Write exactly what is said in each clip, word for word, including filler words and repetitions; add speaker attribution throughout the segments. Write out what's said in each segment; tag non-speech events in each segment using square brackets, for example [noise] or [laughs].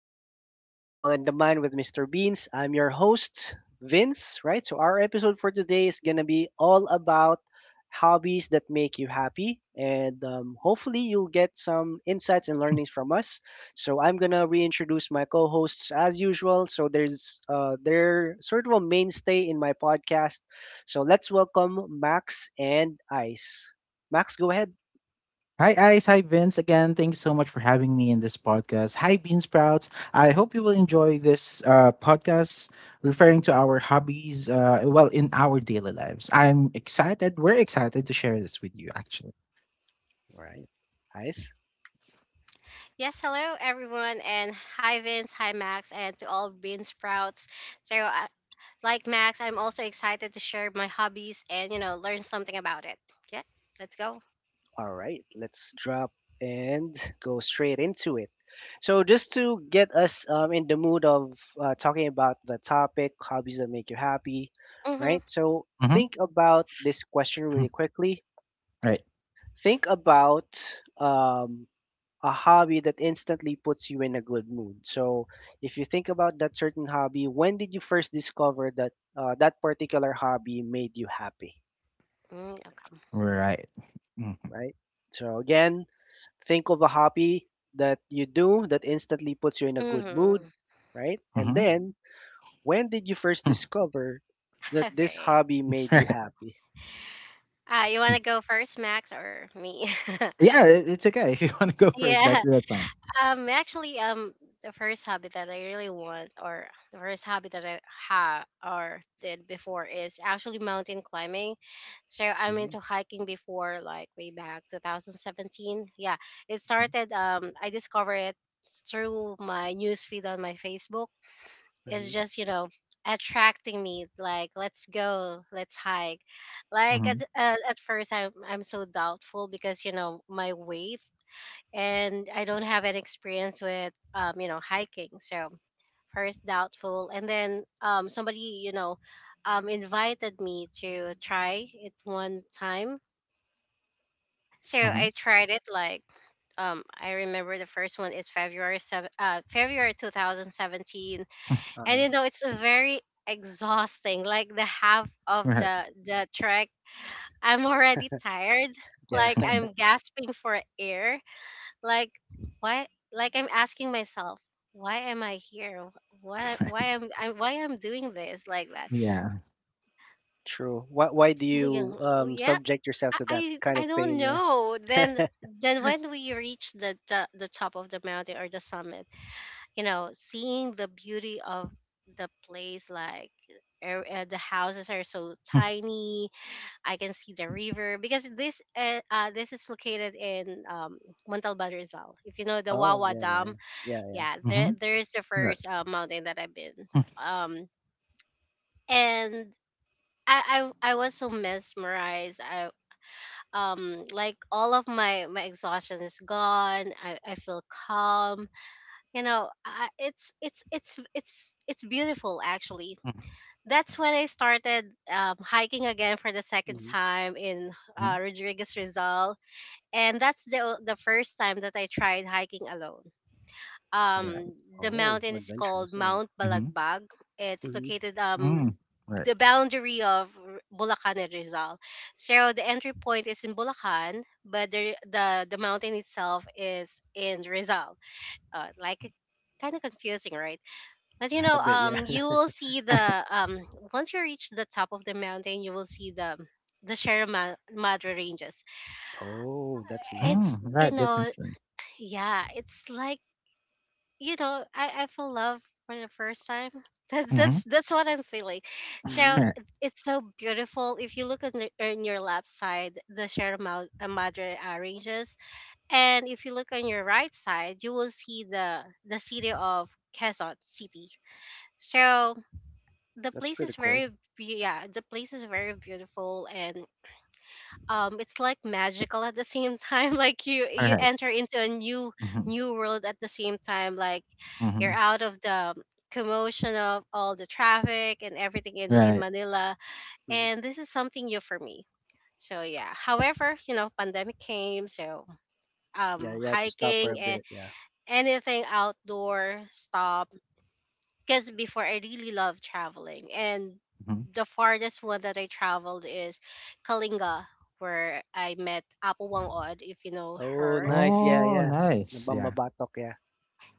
Speaker 1: Welcome back to It's All in the Mind with Mister Beans. I'm your host, Vince, right? So, our episode for today is going to be all about hobbies that make you happy. And um, hopefully, you'll get some insights and learnings from us. So, I'm going to reintroduce my co hosts as usual. So, there's uh, they're sort of a mainstay in my podcast. So, let's welcome Max and Ice. Max, go ahead.
Speaker 2: Hi, Ice. Hi, Vince. Again, thank you so much for having me in this podcast. Hi, Bean Sprouts. I hope you will enjoy this uh, podcast referring to our hobbies, uh, well, in our daily lives. I'm excited. We're excited to share this with you, actually.
Speaker 1: All right.
Speaker 3: Yes, hello everyone, and hi Vince, hi Max, and to all Bean Sprouts. So, uh, like Max, I'm also excited to share my hobbies and you know learn something about it. Yeah, let's go.
Speaker 1: All right, let's drop and go straight into it. So, just to get us um, in the mood of uh, talking about the topic, hobbies that make you happy,
Speaker 3: Mhm.
Speaker 1: right? So,
Speaker 2: Mm-hmm.
Speaker 1: think about this question really
Speaker 2: [clears throat]
Speaker 1: quickly.
Speaker 2: Right.
Speaker 1: Think about um, a hobby that instantly puts you in a good mood. So, if you think about that certain hobby, when did you first discover that uh, that particular hobby made you happy,
Speaker 3: Mm, okay.
Speaker 2: Right.
Speaker 1: right? So, again, think of a hobby that you do that instantly puts you in a good mood,
Speaker 3: Mhm.
Speaker 1: right? And
Speaker 2: Mm-hmm.
Speaker 1: then, when did you first
Speaker 2: [laughs]
Speaker 1: discover
Speaker 3: [laughs]
Speaker 1: that this
Speaker 3: Okay.
Speaker 1: hobby made you
Speaker 2: Right.
Speaker 1: happy?
Speaker 3: Uh, you wanna go first, Max, or me? [laughs]
Speaker 2: Yeah, it- it's okay. [laughs] If you want to go first,
Speaker 3: Yeah.
Speaker 2: that's your time.
Speaker 3: Um, actually, um, the first hobby that I really want, or the first hobby that I had or did before, is actually mountain climbing. So I'm
Speaker 1: Mm.
Speaker 3: into hiking before, like way back twenty seventeen. Yeah, it
Speaker 2: Mm-hmm.
Speaker 3: started. Um, I discovered it through my news feed on my Facebook. It's
Speaker 1: hmm
Speaker 3: just you know attracting me. Like, let's go, let's hike. Like
Speaker 2: Mm-hmm.
Speaker 3: at at, at first, I'm I'm so doubtful because you know my weight, and I don't have an experience with um you know hiking, so first doubtful, and then um somebody, you know um invited me to try it one time, so
Speaker 2: Mm-hmm.
Speaker 3: I tried it, like, um I remember the first one is February seventh uh February two thousand seventeen, and
Speaker 1: Uh,
Speaker 3: you know it's a very exhausting, like, the half of
Speaker 2: Right.
Speaker 3: the the trek. I'm already tired,
Speaker 1: yeah,
Speaker 3: like, I'm gasping for air, like, why? Like, I'm asking myself, why am I here? why why
Speaker 2: [laughs]
Speaker 3: am i why I'm doing this, like that?
Speaker 2: Yeah.
Speaker 1: [laughs] True. Why, why do
Speaker 3: Yeah,
Speaker 1: you um,
Speaker 3: yeah,
Speaker 1: subject yourself
Speaker 3: i
Speaker 1: to that kind
Speaker 3: i I
Speaker 1: of
Speaker 3: don't
Speaker 1: pain? Yeah.
Speaker 3: know. Then then when we reach the, the the top of the mountain, or the summit, you know seeing the beauty of the place, like, er- uh, the houses are so
Speaker 2: Hmm,
Speaker 3: tiny. I can see the river, because this uh, uh this is located in um Montalban, Rizal, if you know the
Speaker 1: Oh,
Speaker 3: Wawa
Speaker 1: yeah, yeah,
Speaker 3: Dam.
Speaker 1: yeah. Yeah, yeah.
Speaker 3: Yeah, there
Speaker 2: mhm,
Speaker 3: there is the
Speaker 2: right.
Speaker 3: first uh, mountain that I've been.
Speaker 2: Hmm,
Speaker 3: Um and I, I i was so mesmerized. I um like, all of my my exhaustion is gone. I i feel calm. you know I, it's it's it's it's it's beautiful, actually. That's when I started um, hiking again for the second
Speaker 1: Hmm.
Speaker 3: time in
Speaker 2: mhm,
Speaker 3: uh, Rodriguez, Rizal, and that's the o- the first time that I tried hiking alone.
Speaker 2: right,
Speaker 3: Um the
Speaker 1: Oh,
Speaker 3: mountain is
Speaker 1: adventurous.
Speaker 3: called
Speaker 1: Yeah.
Speaker 3: Mount
Speaker 2: mhm, right, mhm,
Speaker 3: Balagbag. It's
Speaker 1: Mm-hmm.
Speaker 3: located, um
Speaker 2: mm, right,
Speaker 3: the boundary of R- Bulacan and Rizal. So the entry point is in Bulacan, but the the, the mountain itself is in Rizal. Uh, like, kind of confusing, right? But
Speaker 2: [laughs]
Speaker 3: you
Speaker 2: right,
Speaker 1: A
Speaker 3: know,
Speaker 1: bit, yeah.
Speaker 3: um you
Speaker 1: [laughs]
Speaker 3: will see the, um once you reach the top of the mountain, you will see the the Sierra Ma- Madre ranges.
Speaker 1: Oh, that's nice.
Speaker 3: It's
Speaker 2: mm,
Speaker 1: Yeah.
Speaker 3: you
Speaker 2: right, that's
Speaker 3: know,
Speaker 2: interesting.
Speaker 3: yeah, it's like, you know I, I fell in love for the first time. [laughs] that's
Speaker 2: Mhm,
Speaker 3: that's that's what I'm feeling. So
Speaker 1: Hmm.
Speaker 2: right,
Speaker 3: it- it's so beautiful. If you look on, the, on your left side, the Sierra Mad- uh, madre uh, ranges, and if you look on your right side, you will see the the city of Quezon City. So the
Speaker 1: That's
Speaker 3: place
Speaker 1: pretty
Speaker 3: is very
Speaker 1: cool.
Speaker 3: be- yeah the place is very beautiful, and um it's like magical at the same time. [laughs] Like, you
Speaker 2: [laughs]
Speaker 3: you
Speaker 2: right,
Speaker 3: enter into a new
Speaker 2: mhm,
Speaker 3: new world at the same time, like you're
Speaker 2: mhm,
Speaker 3: out of the commotion of all the traffic and everything in, in
Speaker 2: right,
Speaker 3: Manila.
Speaker 1: Hmm.
Speaker 3: And this is something new for me. So yeah. However, you know, pandemic came, so
Speaker 1: Yeah,
Speaker 3: um
Speaker 1: you have to stop for a
Speaker 3: hiking and
Speaker 1: bit. Yeah.
Speaker 3: anything outdoor stop. Because before I really loved traveling, and
Speaker 2: mhm.
Speaker 3: the farthest one that I traveled is Kalinga, where I met Apo Wang Od, if you know
Speaker 1: Oh,
Speaker 3: her.
Speaker 1: nice. Yeah,
Speaker 2: Oh,
Speaker 1: yeah.
Speaker 2: nice, yeah,
Speaker 1: Nabambabatok, yeah.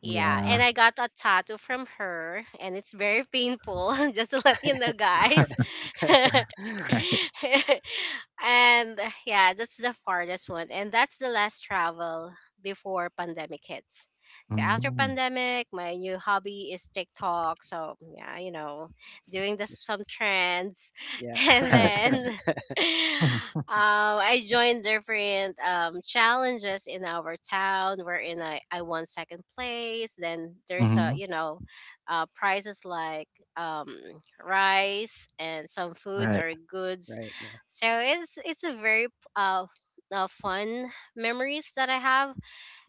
Speaker 3: Yeah,
Speaker 2: yeah,
Speaker 3: and I got a tattoo from her, and it's very painful, [laughs] just to let you know, guys.
Speaker 2: [laughs]
Speaker 3: [laughs]
Speaker 2: right,
Speaker 1: [laughs]
Speaker 3: And yeah, that's the farthest one, and that's the last travel before pandemic hits. So after
Speaker 2: mm,
Speaker 3: pandemic, my new hobby is TikTok. So yeah, you know, doing the some trends, [laughs]
Speaker 1: Yeah,
Speaker 3: and
Speaker 2: right,
Speaker 3: then um,
Speaker 2: [laughs]
Speaker 3: I joined different um, challenges in our town. We're I, a, I won second place. Then there's a
Speaker 2: mhm,
Speaker 3: you know, uh, prizes, like um, rice and some foods
Speaker 2: right,
Speaker 3: or goods.
Speaker 1: right. Yeah.
Speaker 3: So it's it's a very uh, uh, fun memories that I have.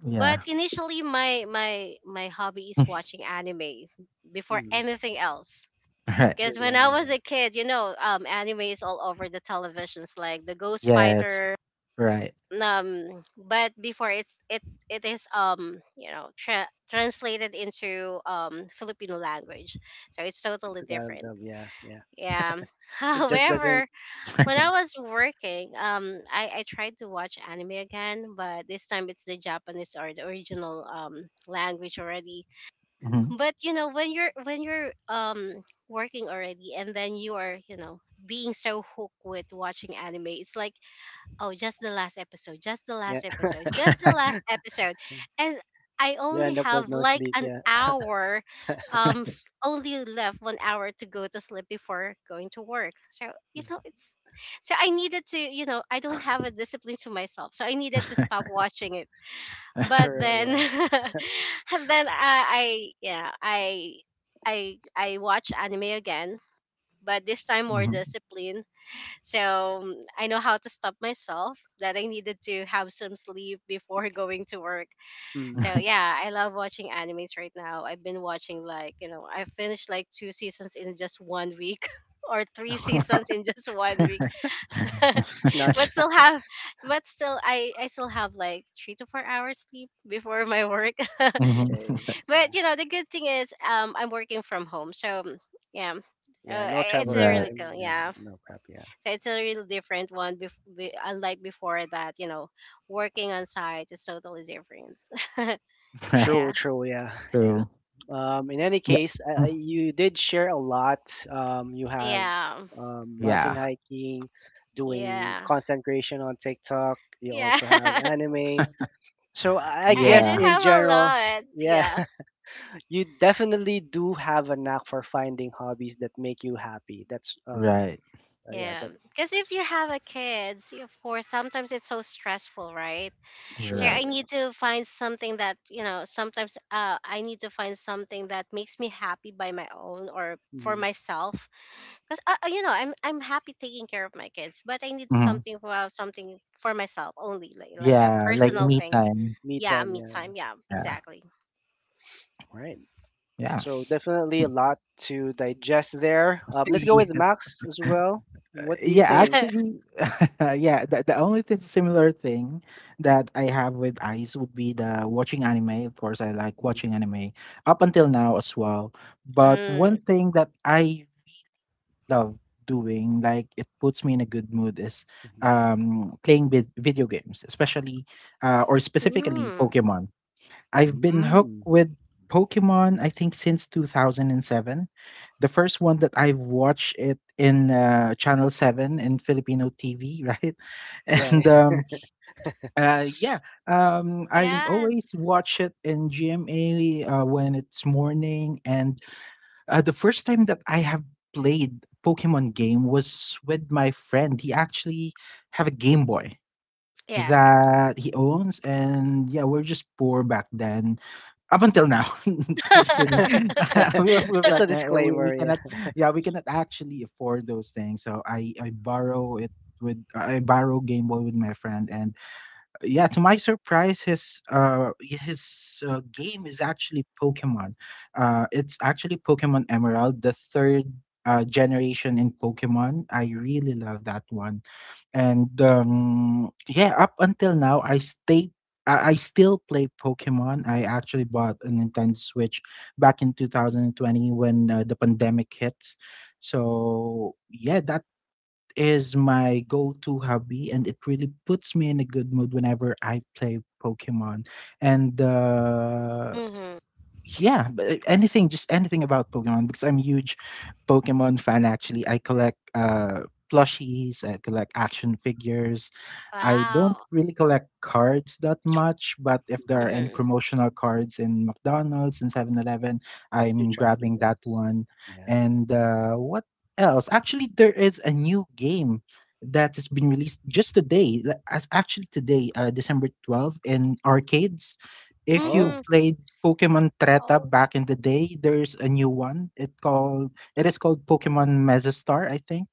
Speaker 2: yeah,
Speaker 3: But initially, my my my hobby is
Speaker 2: [laughs]
Speaker 3: watching anime before
Speaker 1: Hmm.
Speaker 3: anything else.
Speaker 2: right,
Speaker 1: It's
Speaker 3: Because
Speaker 1: really
Speaker 3: when I
Speaker 1: unreal.
Speaker 3: was
Speaker 1: Yeah.
Speaker 3: a kid, you know, um, anime is all over the televisions, like the Ghost
Speaker 2: yes,
Speaker 3: Fighter.
Speaker 2: right,
Speaker 3: Um, but before, it's it it is um you know tra- translated into um Filipino language, so it's totally
Speaker 1: Because out of
Speaker 3: different.
Speaker 1: the yeah, yeah.
Speaker 3: Yeah. [laughs]
Speaker 1: It just doesn't.
Speaker 3: However, when
Speaker 1: Yeah.
Speaker 3: I
Speaker 2: [laughs]
Speaker 3: was working, um, I I tried to watch anime again, but this time it's the Japanese, or the original um language already.
Speaker 1: Mm.
Speaker 2: mhm,
Speaker 3: But you know when you're when you're um working already, and then you are, you know being so hooked with watching anime, it's like, oh, just the last episode, just the
Speaker 1: Yeah.
Speaker 3: last episode, just
Speaker 2: [laughs]
Speaker 3: the
Speaker 2: right,
Speaker 3: last episode, and I
Speaker 1: [laughs] You
Speaker 3: only
Speaker 1: end up with
Speaker 3: have
Speaker 1: no
Speaker 3: like
Speaker 1: sleep.
Speaker 3: an
Speaker 1: Yeah.
Speaker 3: hour. Um
Speaker 2: right,
Speaker 3: s- only left one hour to go to sleep before going to work. So, you
Speaker 1: Mm.
Speaker 3: know it's, so I needed to you know I don't have a discipline to myself, so I needed to stop watching it.
Speaker 2: [laughs]
Speaker 3: But
Speaker 1: Sure.
Speaker 3: then
Speaker 1: Yeah.
Speaker 3: [laughs] and then I, I yeah, I I I watch anime again, but this time more
Speaker 2: mhm,
Speaker 3: discipline. So, mm, I know how to stop myself that I needed to have some sleep before [laughs] going to work.
Speaker 1: Mm.
Speaker 3: So yeah, I love watching animes right now. I've been watching, like, you know I finished like two seasons in just one week, [laughs] or three seasons in
Speaker 2: right,
Speaker 3: just one week.
Speaker 2: [laughs]
Speaker 3: [laughs]
Speaker 2: [laughs]
Speaker 1: Not
Speaker 3: but still
Speaker 1: [laughs]
Speaker 3: have but still I I still have like three to four hours sleep before my work.
Speaker 2: mhm,
Speaker 1: okay.
Speaker 3: [laughs] But
Speaker 1: Yeah.
Speaker 3: you know the good thing is um I'm working from home, so, mm, yeah,
Speaker 1: Yeah.
Speaker 3: uh,
Speaker 1: No
Speaker 2: [laughs]
Speaker 3: it's
Speaker 1: travel
Speaker 3: a
Speaker 2: right,
Speaker 3: really
Speaker 1: time.
Speaker 3: cool,
Speaker 1: Yeah.
Speaker 3: yeah.
Speaker 1: No crap. Yeah.
Speaker 3: So it's a really different one, bef- be- unlike before, that, you know working on site is totally different. [laughs]
Speaker 2: [laughs] right.
Speaker 3: Yeah,
Speaker 1: True. True. Yeah. Yeah.
Speaker 2: True.
Speaker 1: Um, in any
Speaker 2: Yeah.
Speaker 1: case, uh,
Speaker 2: Mm.
Speaker 1: you did share a lot. Um, you have
Speaker 3: yeah,
Speaker 1: um mountain
Speaker 2: Yeah.
Speaker 1: hiking, doing
Speaker 3: yeah,
Speaker 1: content creation on TikTok. You
Speaker 3: yeah.
Speaker 1: also
Speaker 3: [laughs]
Speaker 1: have
Speaker 3: I,
Speaker 1: anime. So I I
Speaker 3: I do
Speaker 2: Yeah.
Speaker 1: guess in
Speaker 3: have a
Speaker 1: general,
Speaker 3: lot,
Speaker 1: yeah,
Speaker 3: yeah.
Speaker 1: [laughs] you definitely do have a knack for finding hobbies that make you happy. That's uh,
Speaker 2: Right.
Speaker 1: uh, yeah,
Speaker 3: Yeah,
Speaker 1: that
Speaker 3: because
Speaker 1: that's
Speaker 3: if you have a kids, of course, sometimes it's so stressful, right? So
Speaker 1: true.
Speaker 2: Right.
Speaker 3: I
Speaker 1: Yeah,
Speaker 3: need to find something that, you know, sometimes, uh, I need to find something that makes me happy by my own or for
Speaker 1: hmm,
Speaker 3: myself. Because, uh, uh, you know, I'm, I'm happy taking care of my kids, but I need
Speaker 2: Mhm.
Speaker 3: something for, uh, something for myself only, like, like that
Speaker 2: Yeah,
Speaker 1: true.
Speaker 2: like
Speaker 3: personal
Speaker 1: Yeah,
Speaker 2: me
Speaker 3: things.
Speaker 2: time.
Speaker 1: me
Speaker 3: Yeah,
Speaker 1: time.
Speaker 3: me
Speaker 1: Yeah, yeah.
Speaker 3: time. Yeah,
Speaker 2: Yeah.
Speaker 3: exactly.
Speaker 1: Right.
Speaker 2: Yeah. [laughs]
Speaker 1: So definitely a lot to digest there. Um, let's go with
Speaker 2: Yes.
Speaker 1: Max as well.
Speaker 2: Uh,
Speaker 1: What do you
Speaker 2: yeah,
Speaker 1: think?
Speaker 3: [laughs]
Speaker 2: actually, [laughs] yeah, the, the only thing, similar thing that I have with eyes would be the watching anime. Of course, I like
Speaker 1: Mhm,
Speaker 2: watching anime up until now as well. But one
Speaker 3: Mm.
Speaker 2: thing that I love doing, like it puts me in a good mood, is
Speaker 1: mhm.
Speaker 2: um, playing vid- video games, especially uh, or specifically
Speaker 3: Mm.
Speaker 2: Pokemon. I've been hooked
Speaker 1: Mm.
Speaker 2: with Pokemon, I think, since two thousand seven. The first one that I watched it in uh, Channel seven in Filipino T V, [laughs] right?
Speaker 1: Yeah,
Speaker 2: And um, uh, yeah, um, I always
Speaker 3: Yes.
Speaker 2: watch it in G M A uh, when it's morning, and uh, the first time that I have played Pokemon game was with my friend. He actually have a Game Boy
Speaker 3: Yes.
Speaker 2: that he owns, and yeah, we're just poor back then. Up until now, [laughs] just kidding.
Speaker 3: [laughs]
Speaker 2: [laughs] We were poor
Speaker 1: [laughs] just
Speaker 2: back
Speaker 1: a
Speaker 2: then. uh, We, we
Speaker 1: disclaimer. Yeah,
Speaker 2: cannot, yeah, we cannot actually afford those things. So I I borrow it with I borrow Game Boy with my friend, and yeah, to my surprise, his uh y- his uh, game is actually Pokemon. Uh it's actually Pokemon Emerald, the third uh, generation in Pokemon. I really love that one. And um yeah, up until now i stay I I still play Pokemon. I actually bought a Nintendo Switch back in two thousand twenty when uh, the pandemic hit. So yeah, that is my go-to hobby, and it really puts me in a good mood whenever I play Pokemon. And uh
Speaker 3: Mm-hmm.
Speaker 2: yeah, b- anything, just anything about Pokemon, because I'm a huge Pokemon fan actually. I collect uh plushies, I collect action figures, I don't
Speaker 3: Wow.
Speaker 2: really collect cards that much, but if there are
Speaker 1: mhm.
Speaker 2: any
Speaker 3: Mm-hmm.
Speaker 2: promotional cards in McDonald's and Seven eleven,
Speaker 1: You
Speaker 2: I'm
Speaker 1: try to get
Speaker 2: grabbing that
Speaker 1: those.
Speaker 2: one.
Speaker 1: Yeah.
Speaker 2: And uh, what else? Actually, there is a new game that has been released just today, like, as actually today, uh, December twelfth,
Speaker 3: So,
Speaker 2: in arcades. If you
Speaker 1: Oh.
Speaker 3: mm-hmm.
Speaker 2: played Pokemon Treta back in the day, there's a new one. It called it is called Pokemon Megastar, I think.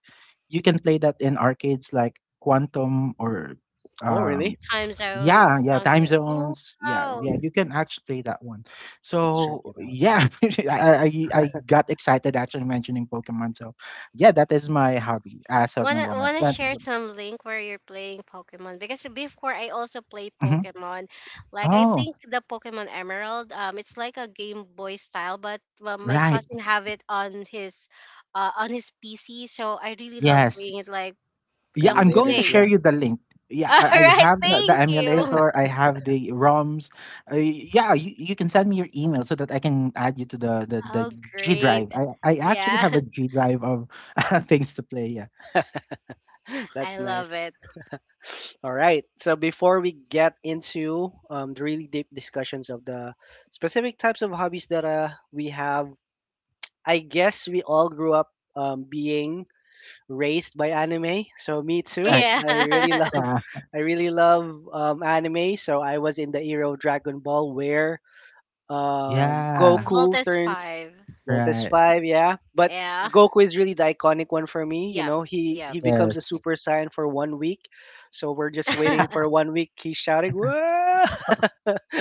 Speaker 2: You can play that in arcades like Quantum or
Speaker 1: Oh,
Speaker 2: um
Speaker 1: really?
Speaker 3: Time
Speaker 2: yeah,
Speaker 3: zones.
Speaker 2: yeah,
Speaker 3: Oh,
Speaker 2: time
Speaker 3: yeah. Oh,
Speaker 2: zones, yeah,
Speaker 3: wow.
Speaker 1: Mm.
Speaker 2: yeah, you can actually play that one.
Speaker 1: Let's check
Speaker 2: So
Speaker 1: it out. Yeah.
Speaker 2: yeah, [laughs] I, I i got excited actually mentioning Pokemon, so yeah, that is my hobby as of the
Speaker 3: Wanna
Speaker 2: moment.
Speaker 3: wanna
Speaker 2: That-
Speaker 3: share some link where you're playing Pokemon? Because before I also play
Speaker 2: mhm.
Speaker 3: Pokemon. Like, I
Speaker 2: Oh,
Speaker 3: think the Pokemon Emerald. Um, it's like a Game Boy style, but, well, my
Speaker 2: right.
Speaker 3: cousin have it on his, uh, on his P C. So I really love playing
Speaker 2: Yes.
Speaker 3: it like
Speaker 2: Yeah,
Speaker 3: the
Speaker 2: I'm
Speaker 3: whole
Speaker 2: going
Speaker 1: Emulators,
Speaker 2: to
Speaker 3: day.
Speaker 2: share
Speaker 1: yeah.
Speaker 2: you the link. Yeah,
Speaker 3: [laughs]
Speaker 2: I, I
Speaker 3: All right,
Speaker 2: have the, the
Speaker 3: thank you.
Speaker 2: emulator. I have the ROMs. Uh, yeah, you, you can send me your email so that I can add you to the the, the
Speaker 3: Oh,
Speaker 2: G
Speaker 3: great.
Speaker 2: drive. I, I actually
Speaker 3: Yeah.
Speaker 2: have a G
Speaker 3: [laughs]
Speaker 2: drive of [laughs] things to play. Yeah,
Speaker 1: [laughs]
Speaker 3: I
Speaker 1: That's nice.
Speaker 3: love it.
Speaker 1: [sniffs] All right, so before we get into um, the really deep discussions of the specific types of hobbies that uh, we have, I guess we all grew up um, being raised by anime, so me too.
Speaker 2: right.
Speaker 3: Yeah.
Speaker 1: I really
Speaker 3: [laughs]
Speaker 1: love
Speaker 2: Uh,
Speaker 1: [laughs] I really love um, anime, so I was in the era of Dragon Ball where um,
Speaker 2: yeah,
Speaker 1: Goku
Speaker 3: Voltes
Speaker 1: turned
Speaker 3: five.
Speaker 1: Voltes
Speaker 2: right.
Speaker 1: five, yeah. But
Speaker 3: Yeah.
Speaker 1: Goku is really the iconic one for me. You
Speaker 3: Yep.
Speaker 1: know, he he
Speaker 3: Yep.
Speaker 1: becomes a
Speaker 2: Yes.
Speaker 1: Super Saiyan for one week, so we're just waiting
Speaker 2: [laughs]
Speaker 1: for
Speaker 3: [laughs]
Speaker 1: one week. He's shouting, "Whoa!" [laughs]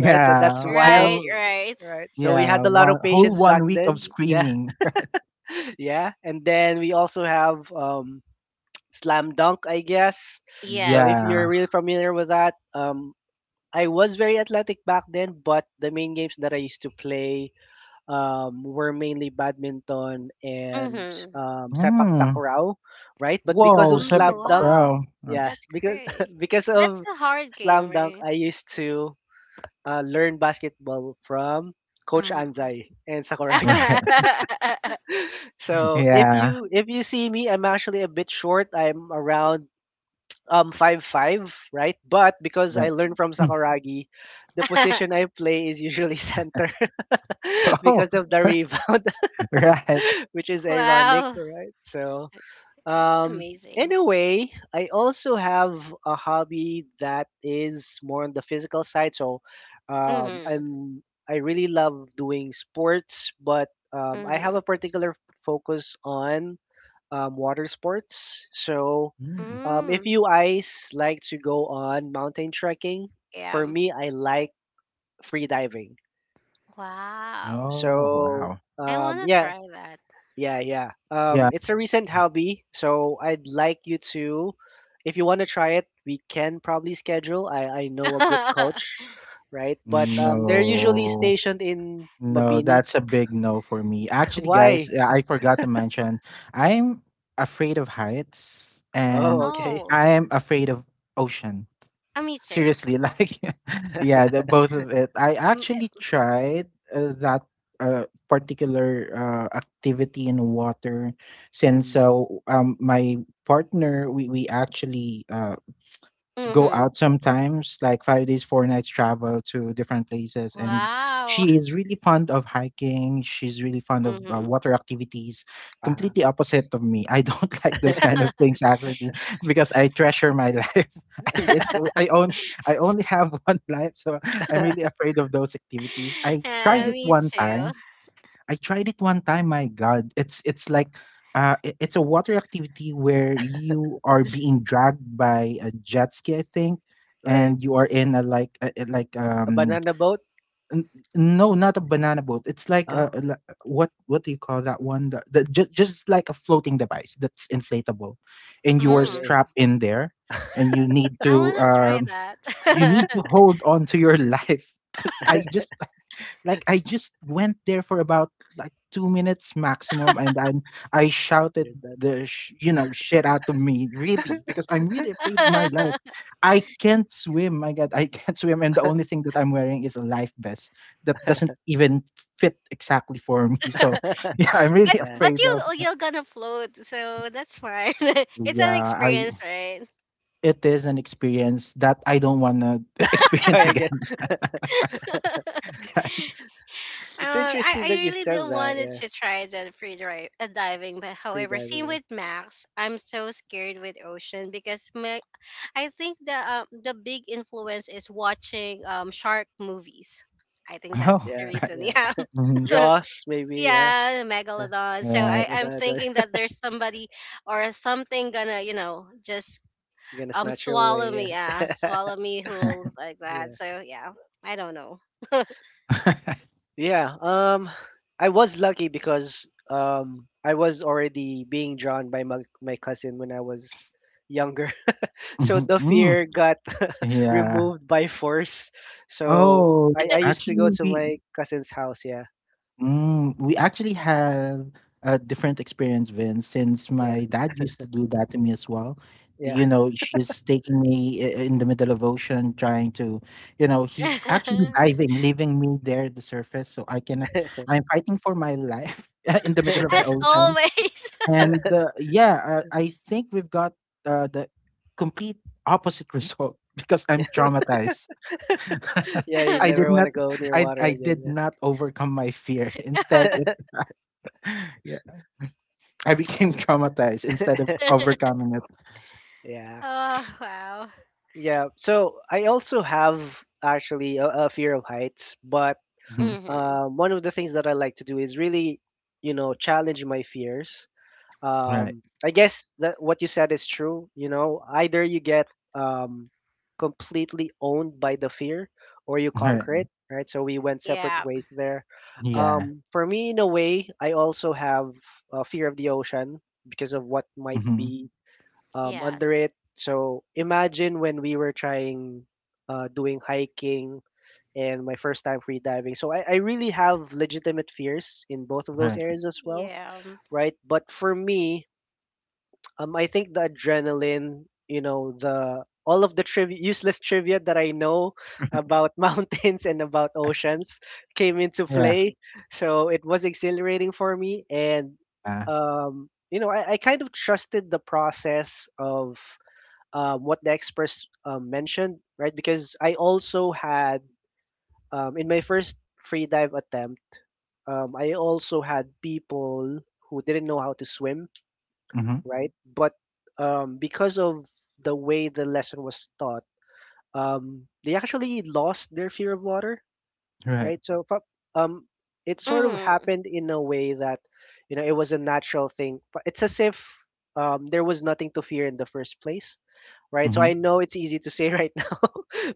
Speaker 1: Right? So that's wild,
Speaker 3: Right,
Speaker 2: Whole
Speaker 3: right.
Speaker 1: right? So we
Speaker 2: yeah,
Speaker 1: had a lot of
Speaker 2: one whole
Speaker 1: patience back
Speaker 2: one week
Speaker 1: then.
Speaker 2: of
Speaker 1: Yeah,
Speaker 2: screaming. [laughs]
Speaker 1: yeah. And then we also have um, Slam Dunk, I guess. So
Speaker 3: Yes.
Speaker 1: if you're
Speaker 2: Yeah.
Speaker 1: really familiar with that, um, I was very athletic back then, but the main games that I used to play um, were mainly badminton and
Speaker 3: Mhm.
Speaker 1: um, sepak
Speaker 2: Hmm.
Speaker 1: takraw, right? But because
Speaker 2: Whoa,
Speaker 1: of
Speaker 3: Mhm.
Speaker 2: Sepik
Speaker 1: Slam Dunk,
Speaker 3: Wow,
Speaker 2: Takraw. Right.
Speaker 1: yes,
Speaker 3: that's
Speaker 1: because [laughs]
Speaker 3: great.
Speaker 1: because
Speaker 3: That's
Speaker 1: of
Speaker 3: a hard game,
Speaker 1: Slam Dunk,
Speaker 3: right?
Speaker 1: I used to uh, learn basketball from Coach
Speaker 3: Mhm.
Speaker 1: Anzai and
Speaker 2: [laughs]
Speaker 1: Sakuragi.
Speaker 2: Right.
Speaker 3: [laughs]
Speaker 1: [laughs] So if
Speaker 2: Yeah.
Speaker 1: you if you see me, I'm actually a bit short. I'm around um five five, right? But because I
Speaker 2: Right.
Speaker 1: learned from Sakuragi, the position I play is usually [laughs] center [laughs]
Speaker 2: Oh,
Speaker 1: because of the rebound.
Speaker 2: [laughs] right.
Speaker 1: [laughs] Which is ironic,
Speaker 3: Wow,
Speaker 1: right? So,
Speaker 3: that's
Speaker 1: um,
Speaker 3: amazing.
Speaker 1: anyway, I also have a hobby that is more on the physical side. So, um,
Speaker 3: Mhm.
Speaker 1: I'm I really love doing sports, but um, I have a
Speaker 3: Mhm.
Speaker 1: particular focus on um, water sports. So,
Speaker 2: Mm.
Speaker 1: um, if
Speaker 3: Mm.
Speaker 1: you guys like to go on mountain trekking,
Speaker 3: Yeah.
Speaker 1: for me, I like free diving.
Speaker 3: Wow.
Speaker 2: Oh,
Speaker 1: So,
Speaker 2: wow.
Speaker 3: I want
Speaker 1: um,
Speaker 3: to
Speaker 1: yeah,
Speaker 3: try that.
Speaker 1: yeah, yeah. Um,
Speaker 2: Yeah.
Speaker 1: it's a recent hobby, so I'd like you to, if you want to try it, we can probably schedule. I, I know a good coach,
Speaker 3: [laughs]
Speaker 1: right? But um, they're
Speaker 3: Um,
Speaker 1: usually
Speaker 2: No.
Speaker 1: stationed in
Speaker 2: No,
Speaker 1: Mabini.
Speaker 2: that's a big no for me.
Speaker 1: [laughs]
Speaker 2: Actually,
Speaker 1: Why?
Speaker 2: guys, uh, I forgot to mention, I'm afraid of heights,
Speaker 1: Oh,
Speaker 2: and
Speaker 1: okay.
Speaker 3: oh,
Speaker 2: I am afraid of ocean.
Speaker 3: uh, me too.
Speaker 2: Seriously, [laughs] like, [laughs] yeah, the both of it. I actually tried uh, that uh, particular uh, activity in water since
Speaker 1: Mm,
Speaker 2: uh, um my partner, we we actually uh go
Speaker 3: Mhm.
Speaker 2: out sometimes, like five days, four nights travel to different places. And
Speaker 3: Wow.
Speaker 2: she is really fond of hiking. She's really fond of uh,
Speaker 3: Mhm.
Speaker 2: water activities.
Speaker 1: uh-huh.
Speaker 2: Completely opposite of me. I don't [laughs] like those kind of
Speaker 3: [laughs]
Speaker 2: things actually, because I treasure my life. [laughs] I- it's I own I only have [laughs] one life, so I'm really afraid of those activities. I
Speaker 1: [laughs]
Speaker 2: tried
Speaker 3: Uh,
Speaker 1: Right,
Speaker 2: it
Speaker 3: me
Speaker 2: one
Speaker 3: too.
Speaker 2: time I tried it one time. My God, it's it's like uh, i- it's a water activity where you are being dragged by a jet ski, I think,
Speaker 1: right.
Speaker 2: and you are in a like a, a- like
Speaker 1: A
Speaker 2: um
Speaker 1: banana boat?
Speaker 2: n- no, not a banana boat. It's like a, a
Speaker 1: Oh,
Speaker 2: li- what what do you call that one? The, the just just like a floating device that's inflatable, and you are
Speaker 1: oh,
Speaker 3: Mm.
Speaker 1: okay.
Speaker 2: strapped in there, and you need
Speaker 3: I
Speaker 2: to
Speaker 3: wanna try
Speaker 2: um [laughs] you
Speaker 3: that.
Speaker 2: need to hold on to your life. [laughs] I just, like I just went there for about like two minutes maximum, and I'm I shouted
Speaker 1: You're done.
Speaker 2: the sh- you know, shit out of me really, because I'm really afraid of my life.
Speaker 3: [laughs]
Speaker 2: I can't swim. My God, I can't [laughs] swim, and the only thing that I'm wearing is a life vest that doesn't even fit exactly for me. So [laughs] yeah, I'm
Speaker 3: But
Speaker 2: really
Speaker 1: Yeah.
Speaker 3: but
Speaker 2: afraid
Speaker 3: you,
Speaker 2: of.
Speaker 3: oh, you're gonna float, so that's fine. [laughs] It's an
Speaker 2: Yeah, I
Speaker 3: experience, right?
Speaker 2: it is an experience that I don't want to [laughs]
Speaker 1: [laughs] Try
Speaker 2: experience
Speaker 1: again.
Speaker 2: again. [laughs]
Speaker 3: [laughs]
Speaker 2: Right?
Speaker 1: It's
Speaker 3: Uh, I,
Speaker 1: interesting
Speaker 3: I
Speaker 1: that you
Speaker 3: really did
Speaker 1: said that.
Speaker 3: wanted
Speaker 1: Yeah,
Speaker 3: to try the free drive uh, diving, but
Speaker 1: free
Speaker 3: however, same
Speaker 1: diving.
Speaker 3: with Max, I'm so scared with ocean because my, I think the uh, the big influence is watching um shark movies. I think that's
Speaker 2: Oh,
Speaker 3: the
Speaker 1: Yeah,
Speaker 2: right.
Speaker 3: reason. [laughs]
Speaker 1: yeah, yeah.
Speaker 3: Yeah.
Speaker 2: Mhm.
Speaker 3: [laughs]
Speaker 1: Jaws, maybe. Yeah,
Speaker 3: Yeah, megalodon. So
Speaker 2: Right.
Speaker 3: I,
Speaker 1: we're
Speaker 3: I'm
Speaker 1: gonna do.
Speaker 3: thinking that there's somebody or something gonna, you know, just
Speaker 1: [laughs] Gonna
Speaker 3: um
Speaker 1: snatch her
Speaker 3: swallow me,
Speaker 1: away.
Speaker 3: uh,
Speaker 1: Yeah,
Speaker 3: swallow
Speaker 1: [laughs]
Speaker 3: me
Speaker 2: [laughs]
Speaker 3: whole, like that.
Speaker 1: yeah.
Speaker 3: So yeah, I don't know. [laughs]
Speaker 2: right.
Speaker 1: Yeah, um, I was lucky because um, I was already being drawn by my, my cousin when I was younger. [laughs] So
Speaker 2: Mhm.
Speaker 1: the
Speaker 2: Mm.
Speaker 1: fear
Speaker 2: [laughs]
Speaker 1: got [laughs]
Speaker 2: Yeah.
Speaker 1: removed by force. So
Speaker 2: Oh,
Speaker 1: I, I used to go
Speaker 2: actually,
Speaker 1: to
Speaker 2: we
Speaker 1: my cousin's house. Yeah,
Speaker 2: mm, we actually have a different experience, Vince, since
Speaker 1: yeah,
Speaker 2: my dad used to do that to me as well.
Speaker 1: yeah,
Speaker 2: You know, she's taking me i- in the middle of ocean, trying to, you know, he's actually diving, leaving me there at the surface, so I cannot. I'm fighting for my life [laughs] in the middle of
Speaker 1: [laughs]
Speaker 2: the
Speaker 3: As
Speaker 2: ocean,
Speaker 3: always.
Speaker 2: and uh, yeah, uh, I think we've got uh, the complete opposite result, [laughs] because
Speaker 1: yeah,
Speaker 2: I'm traumatized. [laughs]
Speaker 1: yeah. You
Speaker 2: I
Speaker 3: [laughs]
Speaker 2: did
Speaker 1: never want
Speaker 2: not
Speaker 1: to go near
Speaker 2: I
Speaker 1: water
Speaker 2: I
Speaker 1: again.
Speaker 2: did
Speaker 1: Yeah,
Speaker 2: not overcome my fear. [laughs] Instead it [laughs] yeah, I became [laughs]
Speaker 1: yeah,
Speaker 2: traumatized instead of overcoming it.
Speaker 1: yeah,
Speaker 3: Oh, wow.
Speaker 1: yeah. So I also have actually a, a fear of heights, but
Speaker 2: Mhm.
Speaker 3: Mm-hmm.
Speaker 1: um, one of the things that I like to do is really, you know, challenge my fears.
Speaker 2: Right.
Speaker 1: um, I guess that what you said is true. You know, either you get um, completely owned by the fear, or you conquer
Speaker 2: Right.
Speaker 1: it. Right. So we went separate
Speaker 3: Yeah.
Speaker 1: ways there.
Speaker 2: Yeah.
Speaker 1: Um, for me, in a way, I also have a fear of the ocean because of what might
Speaker 2: Hmm.
Speaker 1: be um, under
Speaker 3: Yes.
Speaker 1: it. So imagine when we were trying uh, doing hiking and my first time free diving. So I, I really have legitimate fears in both of those
Speaker 2: Right.
Speaker 1: areas as well,
Speaker 3: Yeah.
Speaker 1: right? But for me, um, I think the adrenaline, you know, the all of the triv- useless trivia that I know about [laughs] mountains and about
Speaker 2: [laughs]
Speaker 1: oceans came into
Speaker 2: Yeah.
Speaker 1: play. So it was exhilarating for me, and
Speaker 2: Uh,
Speaker 1: um, you know, I, I kind of trusted the process of um, what the experts um, mentioned, right? Because I also had um, in my first free dive attempt, um, I also had people who didn't know how to swim,
Speaker 2: mm-hmm.
Speaker 1: right? But um, because of the way the lesson was taught, um, they actually lost their fear of water,
Speaker 2: Right.
Speaker 1: right? So pa- um, it sort of
Speaker 3: Mm-hmm.
Speaker 1: happened in a way that, you know, it was a natural thing. But it's as if um, there was nothing to fear in the first place, right? So
Speaker 2: Mm-hmm.
Speaker 1: I know it's easy to say right [laughs] now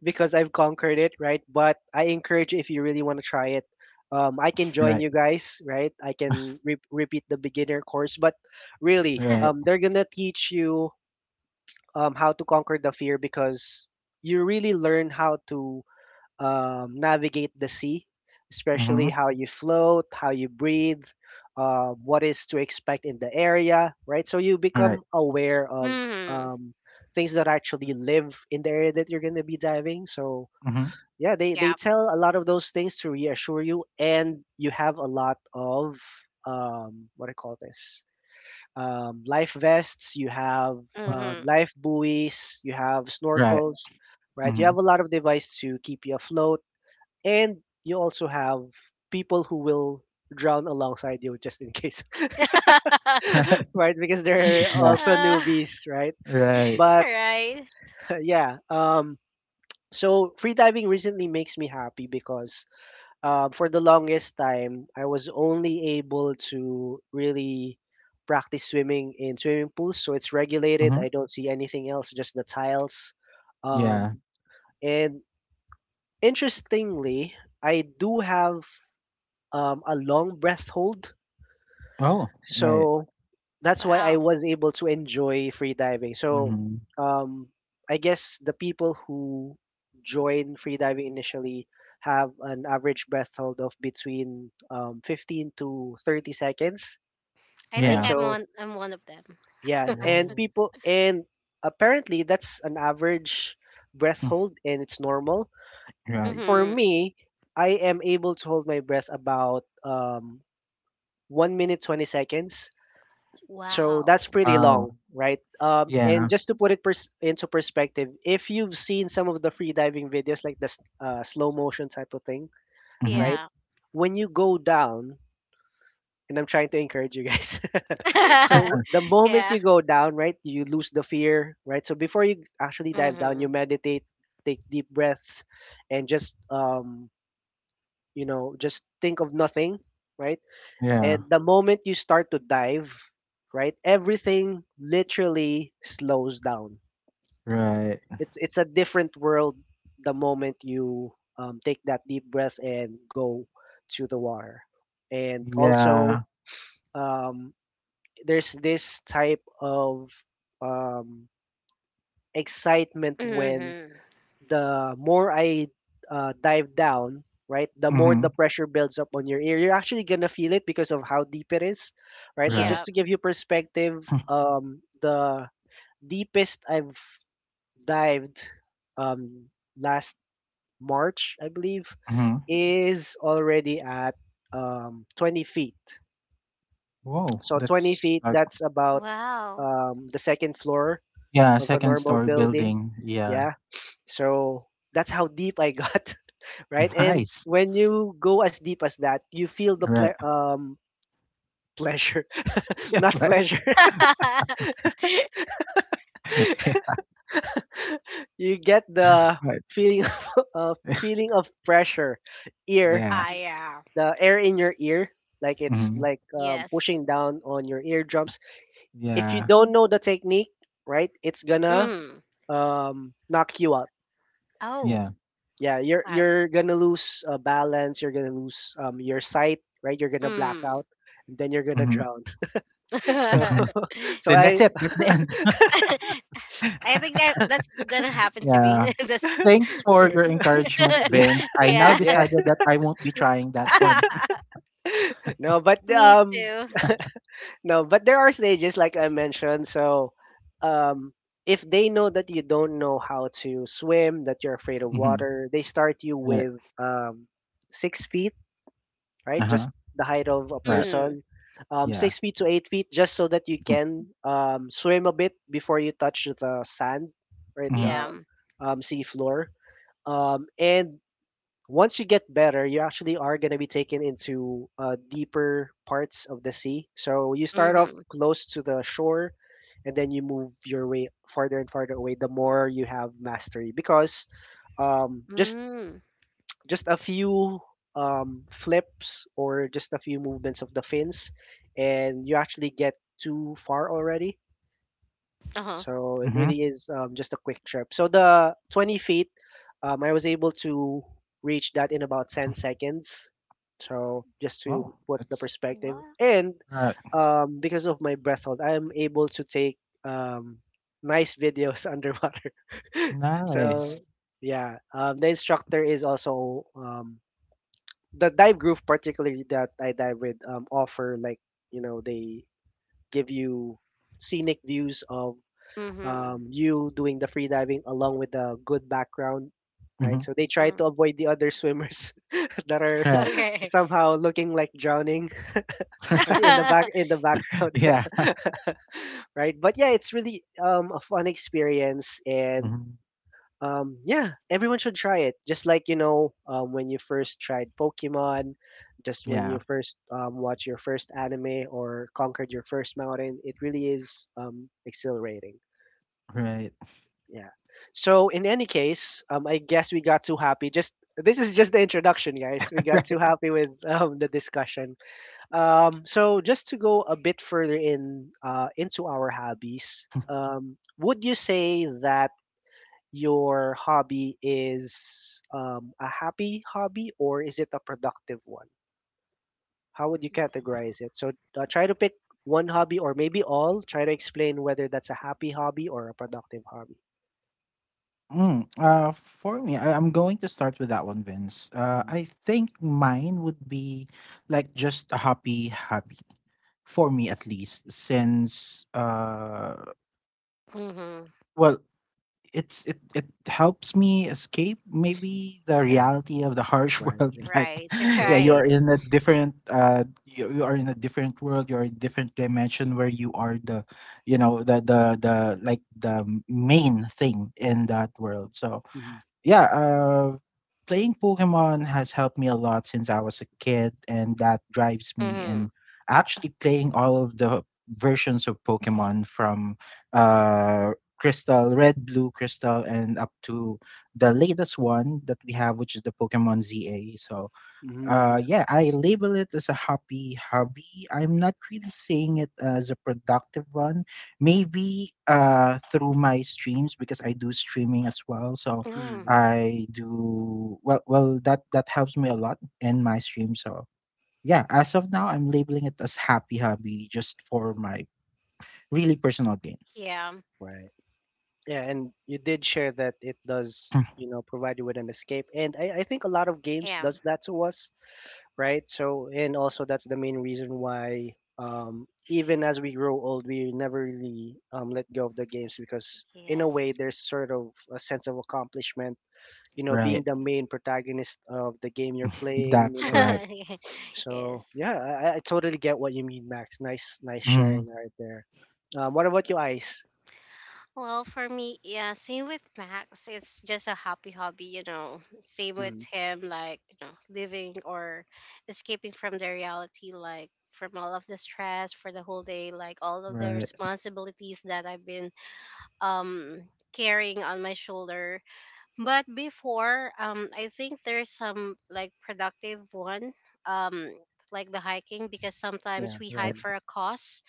Speaker 1: because I've conquered it, right? But I encourage you if you really want to try it. Um, I can join
Speaker 2: Right.
Speaker 1: you guys, right? I can re- repeat the beginner course, but really,
Speaker 2: Right.
Speaker 3: [laughs]
Speaker 1: um, they're gonna teach you um, how to conquer the fear because you really learn how to um, navigate the sea,
Speaker 2: Mm-hmm.
Speaker 1: especially how you float, how you breathe, uh, what is to expect in the area, right? So you
Speaker 2: Right.
Speaker 1: become aware of
Speaker 3: Mm-hmm.
Speaker 1: um, things that actually live in the area that you're going to be diving. So
Speaker 2: Mm-hmm.
Speaker 1: yeah, they, they
Speaker 3: Yeah.
Speaker 1: tell a lot of those things to reassure you, and you have a lot of um, what I call this? Um, life vests, you have um,
Speaker 3: Mm-hmm.
Speaker 1: life buoys, you have
Speaker 2: Right.
Speaker 1: snorkels, right? You
Speaker 2: Mm-hmm.
Speaker 1: have a lot of device to keep you afloat and you also have people who will drown alongside you just in case
Speaker 3: [laughs]
Speaker 1: [laughs]
Speaker 2: [laughs]
Speaker 1: right, because they're
Speaker 2: Yeah.
Speaker 1: also
Speaker 3: uh,
Speaker 1: newbies, right?
Speaker 2: Right.
Speaker 3: [laughs]
Speaker 1: But
Speaker 3: right.
Speaker 1: [laughs] yeah, um, so free diving recently makes me happy because um, for the longest time I was only able to really practice swimming in swimming pools, so it's regulated.
Speaker 2: Mm-hmm.
Speaker 1: I don't see anything else, just the tiles um,
Speaker 2: Yeah.
Speaker 1: and interestingly I do have um, a long breath hold.
Speaker 2: Oh. Right.
Speaker 1: So that's why I
Speaker 3: Wow.
Speaker 1: was able to enjoy free diving. So
Speaker 2: Mm-hmm.
Speaker 1: um, I guess the people who join free diving initially have an average breath hold of between um, fifteen to thirty seconds,
Speaker 3: I
Speaker 1: right?
Speaker 3: think
Speaker 2: Yeah.
Speaker 3: I'm
Speaker 1: So
Speaker 3: on I'm one of them.
Speaker 1: yeah,
Speaker 3: [laughs]
Speaker 1: and
Speaker 2: Whoa.
Speaker 1: people and apparently that's an average breath
Speaker 2: Mm.
Speaker 1: hold and it's normal.
Speaker 2: Right.
Speaker 1: For
Speaker 3: Mhm.
Speaker 1: me, I am able to hold my breath about um, one minute twenty seconds. So that's
Speaker 3: Wow.
Speaker 1: pretty
Speaker 2: Wow.
Speaker 1: long, right? Um, and
Speaker 2: Yeah.
Speaker 1: just to put it pers- into perspective, if you've seen some of the free diving videos, like the s- uh, slow motion type of thing,
Speaker 2: Mm-hmm.
Speaker 1: right?
Speaker 3: Yeah.
Speaker 1: When you go down, and I'm trying to encourage you guys. [laughs]
Speaker 3: [laughs]
Speaker 1: So
Speaker 2: [laughs]
Speaker 1: the moment
Speaker 3: Yeah.
Speaker 1: you go down, right, you lose the fear, right? So before you actually dive down, you
Speaker 3: Mhm.
Speaker 1: meditate, take deep breaths, and just um, you know, just think of nothing, right?
Speaker 2: Yeah.
Speaker 1: And the moment you start to dive, right, everything literally slows down.
Speaker 2: Right.
Speaker 1: It's it's a different world the moment you um, take that deep breath and go to the water. And also,
Speaker 2: Yeah.
Speaker 1: um, there's this type of um, excitement when
Speaker 3: Mhm.
Speaker 1: the more I uh, dive down, right, the more the
Speaker 2: Mhm.
Speaker 1: pressure builds up on your ear. You're actually gonna feel it because of how deep it is, right? So
Speaker 2: Right.
Speaker 3: Yeah.
Speaker 1: just to give you perspective,
Speaker 2: [laughs]
Speaker 1: um, the deepest I've dived um, last March, I believe,
Speaker 2: Mhm.
Speaker 1: is already at um, twenty feet.
Speaker 2: Whoa,
Speaker 1: So twenty
Speaker 2: that's
Speaker 1: feet,
Speaker 2: like
Speaker 1: that's about
Speaker 3: Wow.
Speaker 1: um, the second floor
Speaker 2: yeah,
Speaker 1: of a
Speaker 2: second
Speaker 1: normal
Speaker 2: story
Speaker 1: building.
Speaker 2: building. Yeah.
Speaker 1: Yeah. So that's how deep I [laughs] got, right?
Speaker 2: [laughs]
Speaker 1: And
Speaker 2: Nice.
Speaker 1: when you go as deep as that, you feel the
Speaker 2: Right.
Speaker 1: ple-
Speaker 2: [laughs]
Speaker 1: um pleasure, [laughs]
Speaker 2: Yeah,
Speaker 1: not
Speaker 2: flash.
Speaker 1: pleasure.
Speaker 3: [laughs]
Speaker 2: [laughs] Yeah.
Speaker 1: [laughs] You get the
Speaker 2: Right.
Speaker 1: feeling [laughs] of uh, feeling of pressure, ear,
Speaker 2: Yeah.
Speaker 3: I am.
Speaker 1: the air in your ear, like it's
Speaker 2: Mhm.
Speaker 1: like um,
Speaker 3: Yes.
Speaker 1: pushing down on your eardrums. If you
Speaker 2: Yeah.
Speaker 1: don't know the technique, right, it's gonna
Speaker 3: Mm.
Speaker 1: um, knock you out.
Speaker 3: Oh,
Speaker 2: Yeah.
Speaker 1: Yeah, you're
Speaker 3: okay.
Speaker 1: you're gonna lose uh, balance. You're gonna lose um, your sight, right? You're gonna black
Speaker 3: Mm.
Speaker 1: out, and then you're gonna
Speaker 2: Mhm.
Speaker 1: drown. [laughs] So
Speaker 2: [laughs]
Speaker 3: [laughs]
Speaker 1: [laughs] so
Speaker 2: Then that's
Speaker 1: I
Speaker 2: it. That's the end.
Speaker 3: I think
Speaker 2: [laughs]
Speaker 3: that that's gonna happen to
Speaker 2: Yeah.
Speaker 3: me. [laughs] that's
Speaker 2: Thanks for your encouragement,
Speaker 1: [laughs]
Speaker 3: [laughs]
Speaker 1: yeah,
Speaker 2: Vince. I now
Speaker 3: yeah.
Speaker 1: yeah.
Speaker 2: decided that I won't be trying that one. [laughs]
Speaker 3: [laughs]
Speaker 1: No, but
Speaker 3: Me
Speaker 1: um
Speaker 3: too.
Speaker 1: no, but there are stages like I mentioned. So um if they know that you don't know how to swim, that you're afraid of
Speaker 2: Mhm.
Speaker 1: water, they start you
Speaker 2: Right.
Speaker 1: with um six feet, right? Just
Speaker 2: Uh-huh.
Speaker 1: the height of a
Speaker 2: Right.
Speaker 3: Mm.
Speaker 1: person. Um
Speaker 2: Yeah.
Speaker 1: six feet to eight feet just so that you
Speaker 2: Mhm.
Speaker 1: can um swim a bit before you touch the sand, right?
Speaker 2: Mhm.
Speaker 1: The
Speaker 3: Yeah.
Speaker 1: um sea floor. Um and once you get better, you actually are going to be taken into uh, deeper parts of the sea. So you start off
Speaker 3: Mhm.
Speaker 1: close to the shore, and then you move your way farther and farther away. The more you have mastery, because um, just
Speaker 3: Mm.
Speaker 1: just a few um, flips or just a few movements of the fins, and you actually get too far already.
Speaker 3: Uh huh.
Speaker 1: So it
Speaker 2: Mhm.
Speaker 1: really is um, just a quick trip. So the twenty feet, um, I was able to reach that in about ten seconds. So just to
Speaker 2: Wow.
Speaker 1: put the
Speaker 2: That's
Speaker 1: perspective,
Speaker 3: What?
Speaker 1: and
Speaker 2: right.
Speaker 1: um, because of my breath hold, I am able to take um, nice videos [laughs] underwater. [laughs] So
Speaker 2: Nice.
Speaker 1: yeah, um, the instructor is also um, the dive group, particularly that I dive with, um, offer like you know they give you scenic views of
Speaker 3: Mhm.
Speaker 1: um, you doing the free diving along with a good background, right?
Speaker 2: Mhm.
Speaker 1: So they try to
Speaker 3: Mm.
Speaker 1: avoid the other swimmers [laughs] that are
Speaker 2: Right.
Speaker 1: [laughs]
Speaker 3: Okay.
Speaker 1: somehow looking like drowning [laughs] on in
Speaker 2: [laughs]
Speaker 1: the back
Speaker 3: [laughs]
Speaker 1: in the
Speaker 2: Right.
Speaker 1: background,
Speaker 2: Yeah.
Speaker 1: [laughs] right? But yeah, it's really um, a fun experience and.
Speaker 2: Mhm.
Speaker 1: Um, yeah, everyone should try it. Just like you know, um, when you first tried Pokemon, just when you
Speaker 2: Yeah.
Speaker 1: first um, watch your first anime or conquered your first mountain, it really is um, exhilarating.
Speaker 2: Right.
Speaker 1: Yeah. So in any case, um, I guess we got too happy. Just This is just the introduction, guys. We
Speaker 2: [laughs]
Speaker 1: got
Speaker 2: Right.
Speaker 1: too happy with [laughs] um, the discussion. Um, so just to go a bit further in uh, into our hobbies, um, would you say that your hobby is um, a happy hobby or is it a productive one? How would you categorize it? So uh, try to pick one hobby or maybe all. Try to explain whether that's a happy hobby or a productive hobby.
Speaker 2: Mm. Uh, for me, I, I'm going to start with that one, Vince. Uh,
Speaker 1: Mhm.
Speaker 2: I think mine would be like just a happy hobby for me at least, since uh,
Speaker 3: Mm-hmm.
Speaker 2: well, It's it it helps me escape maybe the
Speaker 1: Yeah.
Speaker 2: reality of the harsh [laughs]
Speaker 1: Right.
Speaker 2: world.
Speaker 1: Yeah.
Speaker 2: Like,
Speaker 3: Right,
Speaker 2: yeah,
Speaker 1: True, yeah.
Speaker 3: right.
Speaker 2: you're in a different uh, you, you are in a different world. You're in different dimension where you are the, you know, the the the like the main thing in that world. So
Speaker 1: Mhm.
Speaker 2: yeah, uh, playing Pokemon has helped me a lot since I was a kid, and that drives me.
Speaker 3: Mm-hmm.
Speaker 2: And actually, playing all of the versions of Pokemon from uh, Crystal, Red, Blue, Crystal, and up to the latest one that we have, which is the Pokemon Z A. So
Speaker 1: Mhm,
Speaker 2: uh
Speaker 1: yeah.
Speaker 2: yeah, I label it as a happy hobby. I'm not really seeing it as a productive one, maybe uh through my streams, because I do streaming as well, so
Speaker 1: Mhm,
Speaker 3: Mm.
Speaker 1: yeah.
Speaker 2: I do well, well, that that helps me a lot in my stream. So yeah, as of now, I'm labeling it as happy hobby just for my really personal gain.
Speaker 3: Yeah,
Speaker 1: Right. Yeah, and you did share that it does,
Speaker 2: Mm,
Speaker 1: you know, provide you with an escape. And I, I think a lot of games
Speaker 3: yeah,
Speaker 1: does that to us, right? So, and also that's the main reason why um even as we grow old, we never really um let go of the games because in a way
Speaker 3: yes.
Speaker 1: there's sort of a sense of accomplishment, you know, being
Speaker 2: right,
Speaker 1: the main protagonist of the game you're playing, you
Speaker 2: that's
Speaker 1: know.
Speaker 2: correct.
Speaker 3: [laughs]
Speaker 1: So
Speaker 3: Yes.
Speaker 1: yeah, I, I totally get what you mean, Max. Nice, nice
Speaker 2: Mm,
Speaker 1: sharing right there. Um, what about you, Ice?
Speaker 3: Well, for me, yeah, same with Max. It's just a happy hobby, you know. Same with
Speaker 1: Mm,
Speaker 3: him, like, you know, living or escaping from the reality, like, from all of the stress for the whole day, like, all of the
Speaker 2: right,
Speaker 3: responsibilities that I've been um carrying on my shoulder. But before, um I think there's some like productive one, um like the hiking, because sometimes
Speaker 1: yeah.
Speaker 3: we hike
Speaker 1: Mm.
Speaker 3: for
Speaker 2: right,
Speaker 3: a cause.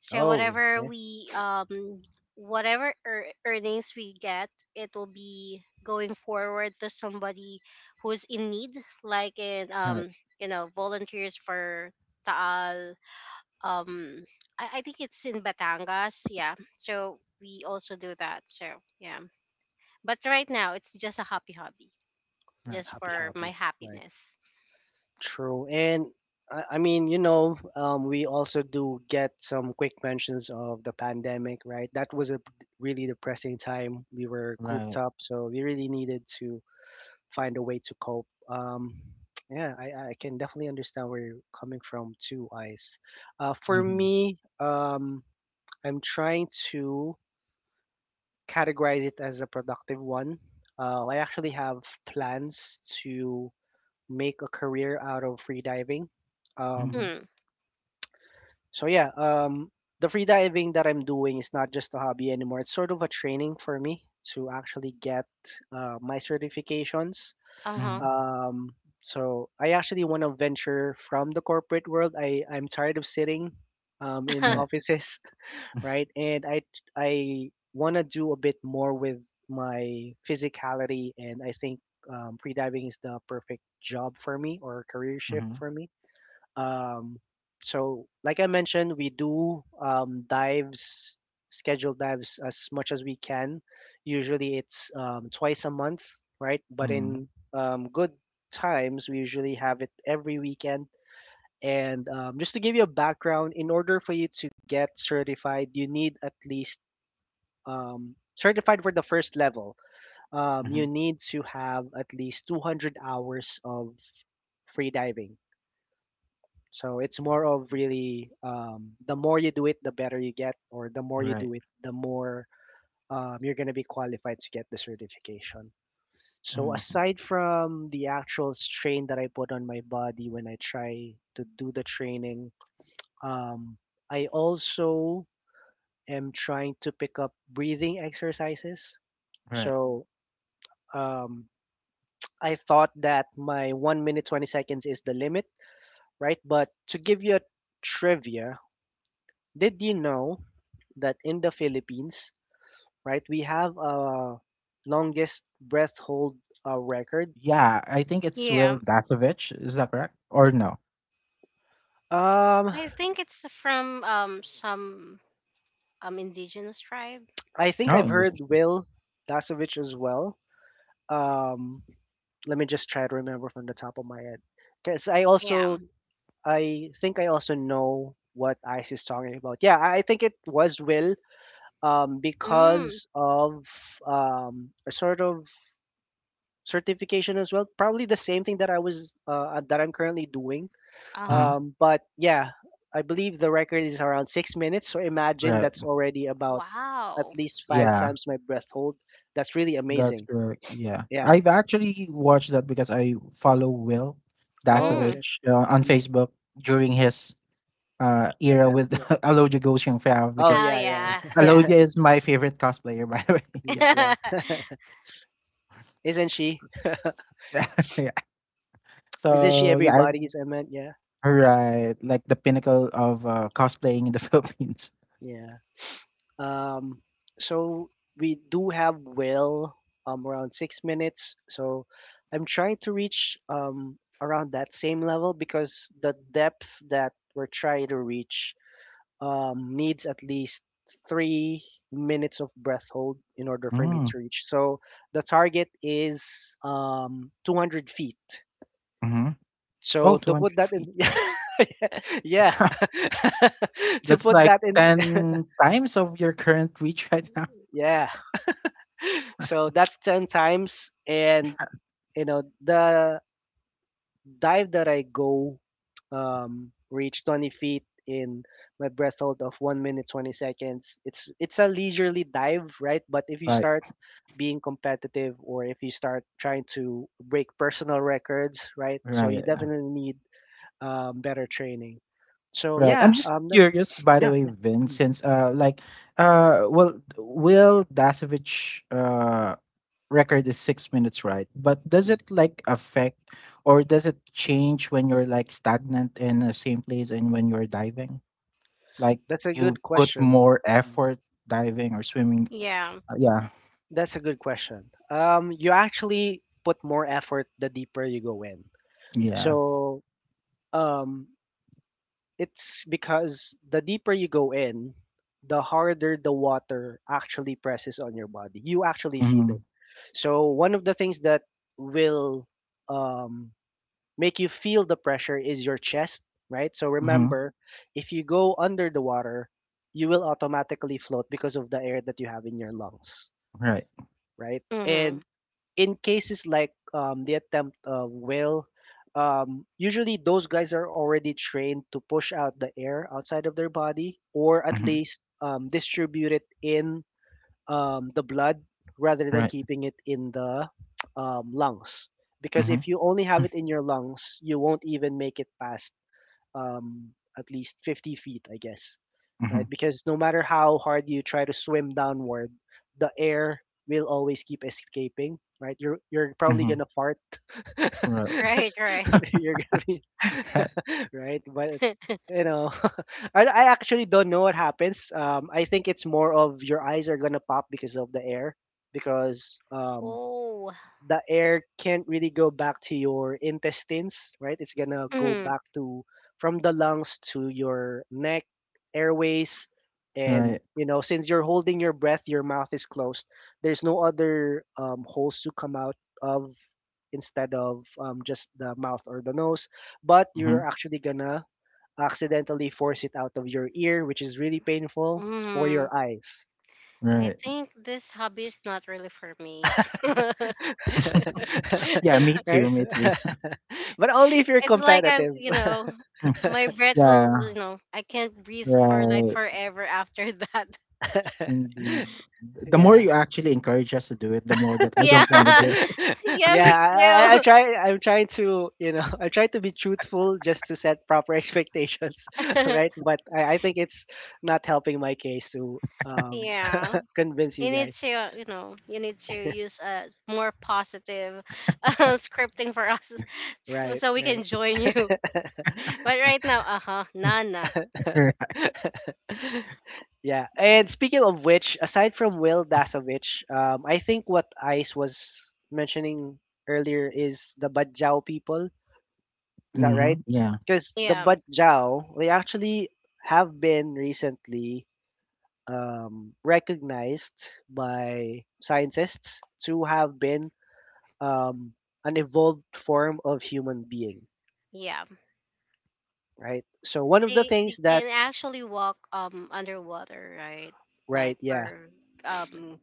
Speaker 3: So
Speaker 1: Oh,
Speaker 3: whatever
Speaker 1: okay.
Speaker 3: we um whatever ear- earnings we get, it will be going forward to somebody who's in need, like in,
Speaker 2: right,
Speaker 3: um you know volunteers for Taal. um I, I think it's in Batangas. Yeah, so we also do that, so yeah. But right now, it's just a happy hobby,
Speaker 2: right,
Speaker 3: just
Speaker 1: Happy
Speaker 3: for my
Speaker 1: hobby. Right.
Speaker 3: happiness.
Speaker 1: True. And I, I mean, you know, um, we also do get some quick mentions of the pandemic, right? That was a really depressing time. We were cooped
Speaker 2: right,
Speaker 1: up, so we really needed to find a way to cope. Um, yeah, I, I can definitely understand where you're coming from too, Ice. Uh, for
Speaker 2: mm-hmm,
Speaker 1: me, um, I'm trying to categorize it as a productive one. Uh, I actually have plans to make a career out of freediving.
Speaker 2: mm-hmm,
Speaker 1: Um,
Speaker 3: Mm,
Speaker 1: so yeah, um, the freediving that I'm doing is not just a hobby anymore. It's sort of a training for me to actually get uh, my certifications.
Speaker 3: uh
Speaker 2: mm-hmm,
Speaker 1: Um, so I actually want to venture from the corporate world. I I'm tired of sitting um, in
Speaker 3: huh.
Speaker 2: right.
Speaker 1: offices. Right? And I I want to do a bit more with my physicality, and I think um, free diving is the perfect job for me or career shift for
Speaker 2: [laughs]
Speaker 1: me. Um, so, like I mentioned, we do um, dives, scheduled dives as much as we can. Usually, it's um, twice a month, right? But
Speaker 2: Mhm,
Speaker 1: in um, good times, we usually have it every weekend and um, just to give you a background, in order for you to get certified, you need at least um, certified for the first level. Um,
Speaker 2: mhm,
Speaker 1: you need to have at least two hundred hours of free diving. So it's more of
Speaker 2: mm,
Speaker 1: really um, the more you do it, the better you get, or the more you
Speaker 2: right,
Speaker 1: do it, the more um, you're going to be qualified to get the certification. So
Speaker 2: mhm,
Speaker 1: aside from the actual strain that I put on my body when I try to do the training, Um, I also am trying to pick up breathing exercises.
Speaker 2: right.
Speaker 1: So um, I thought that my one minute twenty seconds is the limit, right? But to give you a trivia, did you know that in the Philippines, right, we have a longest breath hold uh, record?
Speaker 2: Yeah, I think
Speaker 3: [laughs]
Speaker 2: it's
Speaker 3: Yeah,
Speaker 2: Will Dasovich. Is that correct? Or no?
Speaker 1: Um,
Speaker 3: I think it's from um some um indigenous tribe.
Speaker 1: I think
Speaker 2: No,
Speaker 1: I've
Speaker 2: English.
Speaker 1: heard Will Dasovich as well. Um, Let me just try to remember from the top of my head because I
Speaker 3: Yeah.
Speaker 1: also I think I also know what Ice is talking about. Yeah, I I think it was Will um,
Speaker 3: Mm,
Speaker 1: because of um, a sort of certification as well. Probably the same thing that I was uh, that I'm currently doing.
Speaker 3: uh huh.
Speaker 2: Mm-hmm.
Speaker 1: Um, but yeah, I believe the record is around six minutes. So imagine
Speaker 2: Right.
Speaker 1: that's already about at
Speaker 3: Wow.
Speaker 1: least five
Speaker 2: Yeah,
Speaker 1: times my breath hold. That's really
Speaker 2: that's
Speaker 1: amazing.
Speaker 2: correct. Yeah,
Speaker 1: Yeah.
Speaker 2: I've actually watched that because I follow Will
Speaker 1: Oh,
Speaker 3: Mm.
Speaker 1: okay.
Speaker 2: Dasovich uh, on
Speaker 1: Mm,
Speaker 2: Facebook during his uh era
Speaker 1: attempt.
Speaker 2: with
Speaker 1: Yeah.
Speaker 2: [laughs] Alodia Goshen Fam,
Speaker 1: Oh,
Speaker 3: Oh,
Speaker 2: because
Speaker 1: yeah, yeah,
Speaker 3: yeah, yeah,
Speaker 1: yeah.
Speaker 2: Alodia
Speaker 1: [laughs]
Speaker 2: is my favorite cosplayer, [laughs] by the way. [laughs] Yeah.
Speaker 1: Mm, yeah.
Speaker 3: [laughs]
Speaker 1: Isn't she?
Speaker 2: [laughs] Yeah.
Speaker 1: Isn't she
Speaker 2: So yeah,
Speaker 1: everybody's? I meant, yeah.
Speaker 2: I, right, like the pinnacle of uh, cosplaying in the [laughs] Philippines.
Speaker 1: Yeah. Um, so we do have Will um around six minutes. So I'm trying to reach um around that same level because the depth that we're trying to reach um needs at least three minutes of breath hold in order for me
Speaker 2: Mm,
Speaker 1: to reach. So the target is um two hundred feet.
Speaker 2: mhm. Oh,
Speaker 1: So to put
Speaker 2: two hundred
Speaker 1: that
Speaker 2: feet,
Speaker 1: in,
Speaker 2: right.
Speaker 1: [laughs] yeah,
Speaker 2: [laughs]
Speaker 1: [laughs] to
Speaker 2: That's
Speaker 1: put
Speaker 2: like
Speaker 1: that in,
Speaker 2: ten times of your current reach right now.
Speaker 1: [laughs] yeah. So that's ten times. And, you know, the dive that I go um, reach twenty feet in my breath hold of one minute twenty seconds. It's, it's a leisurely dive, right? But if you
Speaker 2: Like,
Speaker 1: start being competitive or if you start trying to break personal records, right? So
Speaker 2: right,
Speaker 1: you
Speaker 2: uh,
Speaker 1: definitely need um, better training. So
Speaker 2: right. I'm
Speaker 1: yeah,
Speaker 2: just
Speaker 1: um, that's
Speaker 2: curious, by the
Speaker 1: yeah,
Speaker 2: way,
Speaker 1: yeah.
Speaker 2: Vin,
Speaker 1: Mhm,
Speaker 2: since, uh, like, uh, well, Will Dasovich, uh, record is six minutes, right? But does
Speaker 1: mhm.
Speaker 2: it, like, affect or does it change when you're, like, stagnant in the same place and when you're diving? Like,
Speaker 1: That's a
Speaker 2: you
Speaker 1: good
Speaker 2: put
Speaker 1: question.
Speaker 2: more
Speaker 1: Mm-hmm.
Speaker 2: effort diving or swimming?
Speaker 3: yeah.
Speaker 2: Uh, yeah,
Speaker 1: That's a good question. Um, you actually put more effort the deeper you go in.
Speaker 2: yeah.
Speaker 1: So um, it's because the deeper you go in, the harder the water actually presses on your body. You actually feel
Speaker 2: Mm-hmm.
Speaker 1: it. So one of the things that will um, make you feel the pressure is your chest, right? So
Speaker 2: Mm-hmm.
Speaker 1: remember, if you go under the water, you will automatically float because of the air that you have in your lungs,
Speaker 2: Right.
Speaker 1: right?
Speaker 3: Mm-hmm.
Speaker 1: And in cases like um, the attempt of whale, um, usually those guys are already trained to push out the air outside of their body or at
Speaker 2: Mhm.
Speaker 1: least um, distribute it in um, the blood rather than
Speaker 2: Right.
Speaker 1: keeping it in the um, lungs. Because
Speaker 2: Mhm.
Speaker 1: if you only have it in your lungs, you won't even make it past um, at least fifty feet, I guess, right?
Speaker 2: Mhm.
Speaker 1: Because no matter how hard you try to swim downward, the air will always keep escaping, right? You're you're probably
Speaker 2: Mhm.
Speaker 1: gonna fart.
Speaker 2: Right.
Speaker 1: [laughs]
Speaker 3: Right, right.
Speaker 1: you're gonna be
Speaker 2: [laughs] Right.
Speaker 1: [laughs] right, but
Speaker 3: [laughs]
Speaker 1: you know, [laughs] I I actually don't know what happens. Um, I think it's more of your eyes are gonna pop because of the air, because um
Speaker 3: Oh.
Speaker 1: the air can't really go back to your intestines, right? It's gonna go
Speaker 3: Mm,
Speaker 1: back to from the lungs to your neck, airways, and
Speaker 2: Right.
Speaker 1: you know, since you're holding your breath, your mouth is closed. There's no other um, holes to come out of instead of um, just the mouth or the nose, but you're
Speaker 2: Mhm.
Speaker 1: actually gonna accidentally force it out of your ear, which is really painful, or
Speaker 3: mm.
Speaker 1: your eyes.
Speaker 3: I
Speaker 2: Right.
Speaker 3: think this hobby is not really for me. [laughs]
Speaker 2: [laughs] Yeah, me
Speaker 1: [laughs]
Speaker 2: too,
Speaker 1: Right?
Speaker 2: me too.
Speaker 1: [laughs] But only if you're
Speaker 3: It's like I,
Speaker 1: competitive.
Speaker 3: you know,
Speaker 2: Mm.
Speaker 3: my breath will, you
Speaker 2: Yeah,
Speaker 3: know, I can't breathe for like
Speaker 2: right.
Speaker 3: forever after that. [laughs]
Speaker 1: [laughs]
Speaker 2: Indeed. the more
Speaker 1: Yeah.
Speaker 2: you actually encourage us to do it, the more that I
Speaker 3: Yeah,
Speaker 2: don't wanna
Speaker 3: [laughs]
Speaker 2: do it.
Speaker 1: [laughs]
Speaker 3: yeah, me
Speaker 1: Yeah, I, I I
Speaker 3: too.
Speaker 1: try I'm trying to, you know, [laughs] I try to be truthful just to set proper expectations, [laughs] right?
Speaker 3: [laughs]
Speaker 1: But I, I think it's not helping my case to um
Speaker 3: Yeah,
Speaker 1: [laughs] convince
Speaker 3: you
Speaker 1: you
Speaker 3: need
Speaker 1: guys.
Speaker 3: to, uh, you know, you need to use a more positive [laughs] um, scripting for us, [laughs] so,
Speaker 1: Right,
Speaker 3: so we can join you.
Speaker 1: right.
Speaker 3: [laughs] But right now, uh huh, Nana.
Speaker 2: [laughs]
Speaker 1: [laughs] Yeah, and speaking of which, aside from Will Dasovich, um, I think what Ice was mentioning earlier is the Badjao people. Is that
Speaker 2: Mhm.
Speaker 1: right?
Speaker 2: Yeah.
Speaker 1: Because the
Speaker 3: Yeah,
Speaker 1: Badjao, they actually have been recently um, recognized by scientists to have been um, an evolved form of human being,
Speaker 3: yeah,
Speaker 1: right? So one of the
Speaker 3: they
Speaker 1: things
Speaker 3: they
Speaker 1: that,
Speaker 3: can actually walk um underwater, right?
Speaker 1: right,
Speaker 3: Like
Speaker 1: yeah,
Speaker 3: for um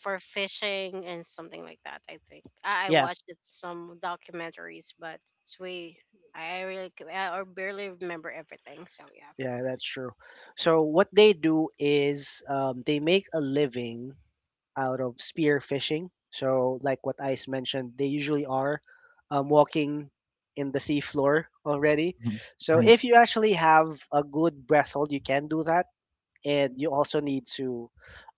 Speaker 3: for fishing and something like that. I think I, I
Speaker 1: yeah.
Speaker 3: watched it, some documentaries, but it's way I I really c- I or barely remember everything. So yeah,
Speaker 1: Yeah, that's true. So what they do is um, they make a living out of spear fishing. So like what Ice mentioned, they usually are um, walking in the seafloor already.
Speaker 2: Mhm.
Speaker 1: So
Speaker 2: Right.
Speaker 1: if you actually have a good breath hold, you can do that. And you also need to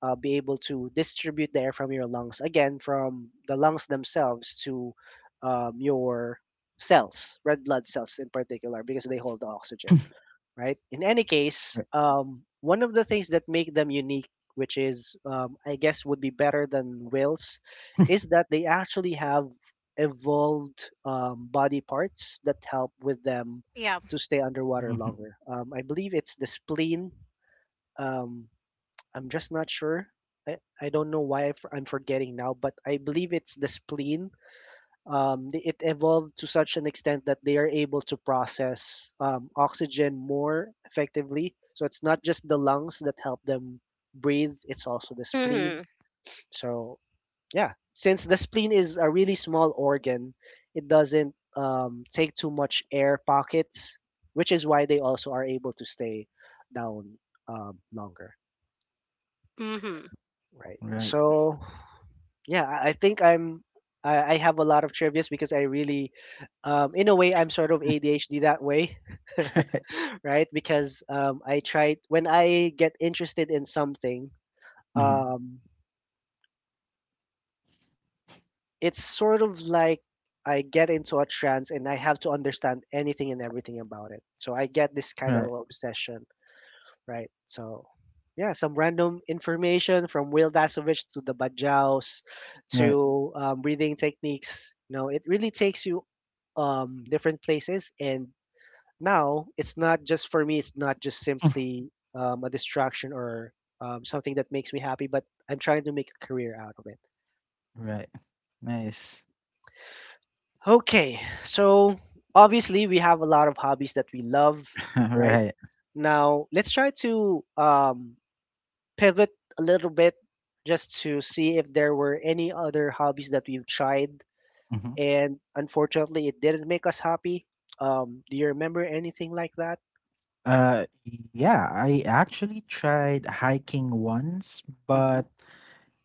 Speaker 1: uh, be able to distribute the air from your lungs, again, from the lungs themselves to um, your cells, red blood cells in particular, because they hold the oxygen,
Speaker 2: [laughs]
Speaker 1: right? In any case,
Speaker 2: Right.
Speaker 1: um, one of the things that make them unique, which is, um, I guess, would be better than whales, is that they actually have evolved um, body parts that help with them
Speaker 3: yeah.
Speaker 1: to stay underwater
Speaker 2: Mhm.
Speaker 1: longer. Um, I believe it's the spleen. Um, I'm just not sure. I, I don't know why I f- I'm forgetting now, but I believe it's the spleen, um, the- it evolved to such an extent that they are able to process um, oxygen more effectively. So it's not just the lungs that help them breathe, it's also the spleen.
Speaker 3: Mhm.
Speaker 1: So, yeah, since the spleen is a really small organ, it doesn't um, take too much air pockets, which is why they also are able to stay down um, longer,
Speaker 3: Mhm.
Speaker 1: right?
Speaker 2: Right.
Speaker 1: So, yeah, i I think i'm I I have a lot of trivias because I really, um, in a way, I'm sort of
Speaker 2: [laughs]
Speaker 1: A D H D that way,
Speaker 2: Right.
Speaker 1: [laughs] right? Because um, I try when I get interested in something,
Speaker 2: Mhm.
Speaker 1: um, it's sort of like I get into a trance and I have to understand anything and everything about it. So I get this kind
Speaker 2: Right.
Speaker 1: of obsession, right? So, yeah, some random information from Will Dasovich to the Bajaus
Speaker 2: Right.
Speaker 1: to um, breathing techniques. You know, it really takes you um, different places. And now it's not just for me, it's not just simply um, a distraction or um, something that makes me happy, but I'm trying to make a career out of it.
Speaker 2: Right. Nice.
Speaker 1: Okay, so obviously we have a lot of hobbies that we love,
Speaker 2: [laughs]
Speaker 1: right?
Speaker 2: Right.
Speaker 1: Now let's try to um, pivot a little bit just to see if there were any other hobbies that we've tried.
Speaker 2: Mhm.
Speaker 1: And unfortunately, it didn't make us happy. Um, do you remember anything like that?
Speaker 2: Uh, yeah, I actually tried hiking once,
Speaker 1: Mm-hmm.
Speaker 2: but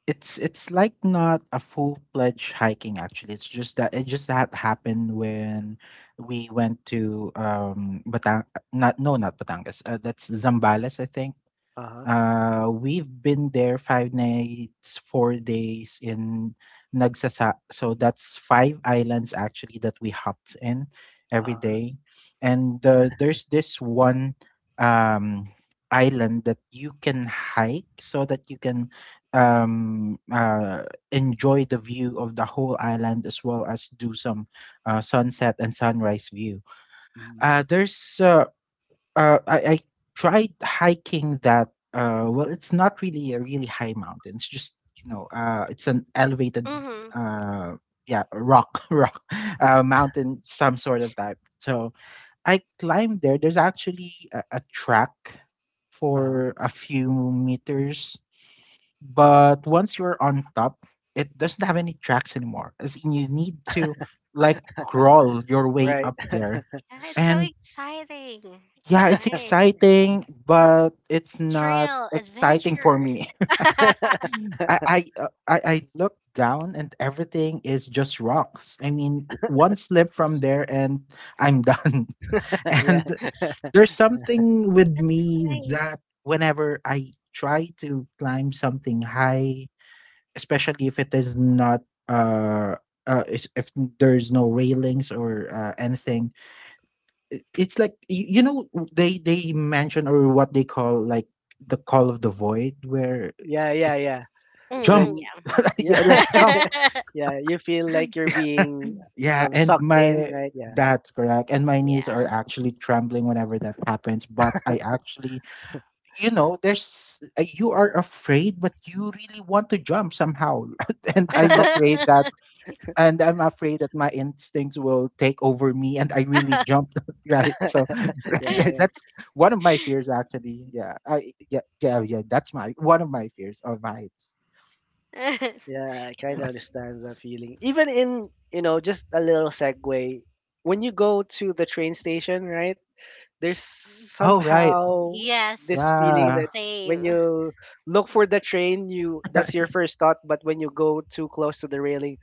Speaker 2: it's it's like not a full-fledged hiking actually. It's just that it just that happened when we went to um Batang, not, no, not Batangas. Uh, that's Zambales, I think.
Speaker 1: Uh huh.
Speaker 2: Uh, we've been there five nights, four days in Nagsasa. So that's five islands actually that we hopped in every
Speaker 1: Uh huh.
Speaker 2: day. And uh, there's this one um, island that you can hike so that you can um, uh, enjoy the view of the whole island as well as do some uh, sunset and sunrise view.
Speaker 1: Hmm.
Speaker 2: Uh, there's uh, uh, I, I tried hiking that. Uh, well, it's not really a really high mountain. It's just, you know, uh, it's an elevated,
Speaker 3: Mhm.
Speaker 2: uh, yeah, rock, [laughs] rock, uh, mountain, some sort of type. So I climbed there. There's actually a, a track
Speaker 1: Uh huh.
Speaker 2: for a few meters, but once you're on top, it doesn't have any tracks anymore. As in, you need to like crawl your way
Speaker 1: Right.
Speaker 2: up there,
Speaker 3: Yeah, it's so
Speaker 2: and
Speaker 3: exciting.
Speaker 2: yeah, it's
Speaker 3: Right.
Speaker 2: exciting, but it's
Speaker 3: It's
Speaker 2: not
Speaker 3: thrill,
Speaker 2: exciting for
Speaker 3: adventure.
Speaker 2: me.
Speaker 3: [laughs]
Speaker 2: [laughs] I I uh, I, I look down and everything is just rocks. I mean, one slip from there and I'm done.
Speaker 1: [laughs]
Speaker 2: [laughs]
Speaker 1: Yeah.
Speaker 2: And there's something with
Speaker 3: That's
Speaker 2: me
Speaker 3: fine.
Speaker 2: that whenever I try to climb something high, especially if it is not uh, uh is- if there's no railings or uh, anything, i- it's like you, you know, they they mention or what they call like the call of the void where
Speaker 1: Yeah. Yeah.
Speaker 2: it's
Speaker 1: Yeah.
Speaker 2: jump
Speaker 3: Mm,
Speaker 1: When
Speaker 2: [laughs]
Speaker 1: Yeah.
Speaker 2: yeah like jump
Speaker 3: yeah. [laughs]
Speaker 1: [laughs] Yeah, you feel like you're being
Speaker 2: yeah
Speaker 1: um,
Speaker 2: and
Speaker 1: sucked in,
Speaker 2: my
Speaker 1: right? Yeah.
Speaker 2: that's correct, and my knees are
Speaker 3: yeah.
Speaker 2: actually trembling whenever that happens, but I actually, you know, there's, uh, you are afraid, but you really want to jump somehow, [laughs] and i'm afraid that and I'm afraid that my instincts will take over me and I really jump. [laughs] Right. So
Speaker 1: [laughs] Yeah.
Speaker 2: [laughs]
Speaker 1: Yeah.
Speaker 3: [laughs]
Speaker 2: that's one of my fears actually. Yeah. I Yeah, yeah, yeah. That's my, one of my fears of heights. [laughs]
Speaker 1: Yeah. I kind of
Speaker 3: That's
Speaker 1: understand that feeling. Even in, you know just a little segue, when you go to the train station, right? There's
Speaker 2: Oh, right.
Speaker 1: somehow this
Speaker 3: yes.
Speaker 1: feeling
Speaker 2: Yeah.
Speaker 1: that when
Speaker 3: Same.
Speaker 1: you look for the train, you that's
Speaker 2: [laughs]
Speaker 1: your first thought, but when you go too close to the railing,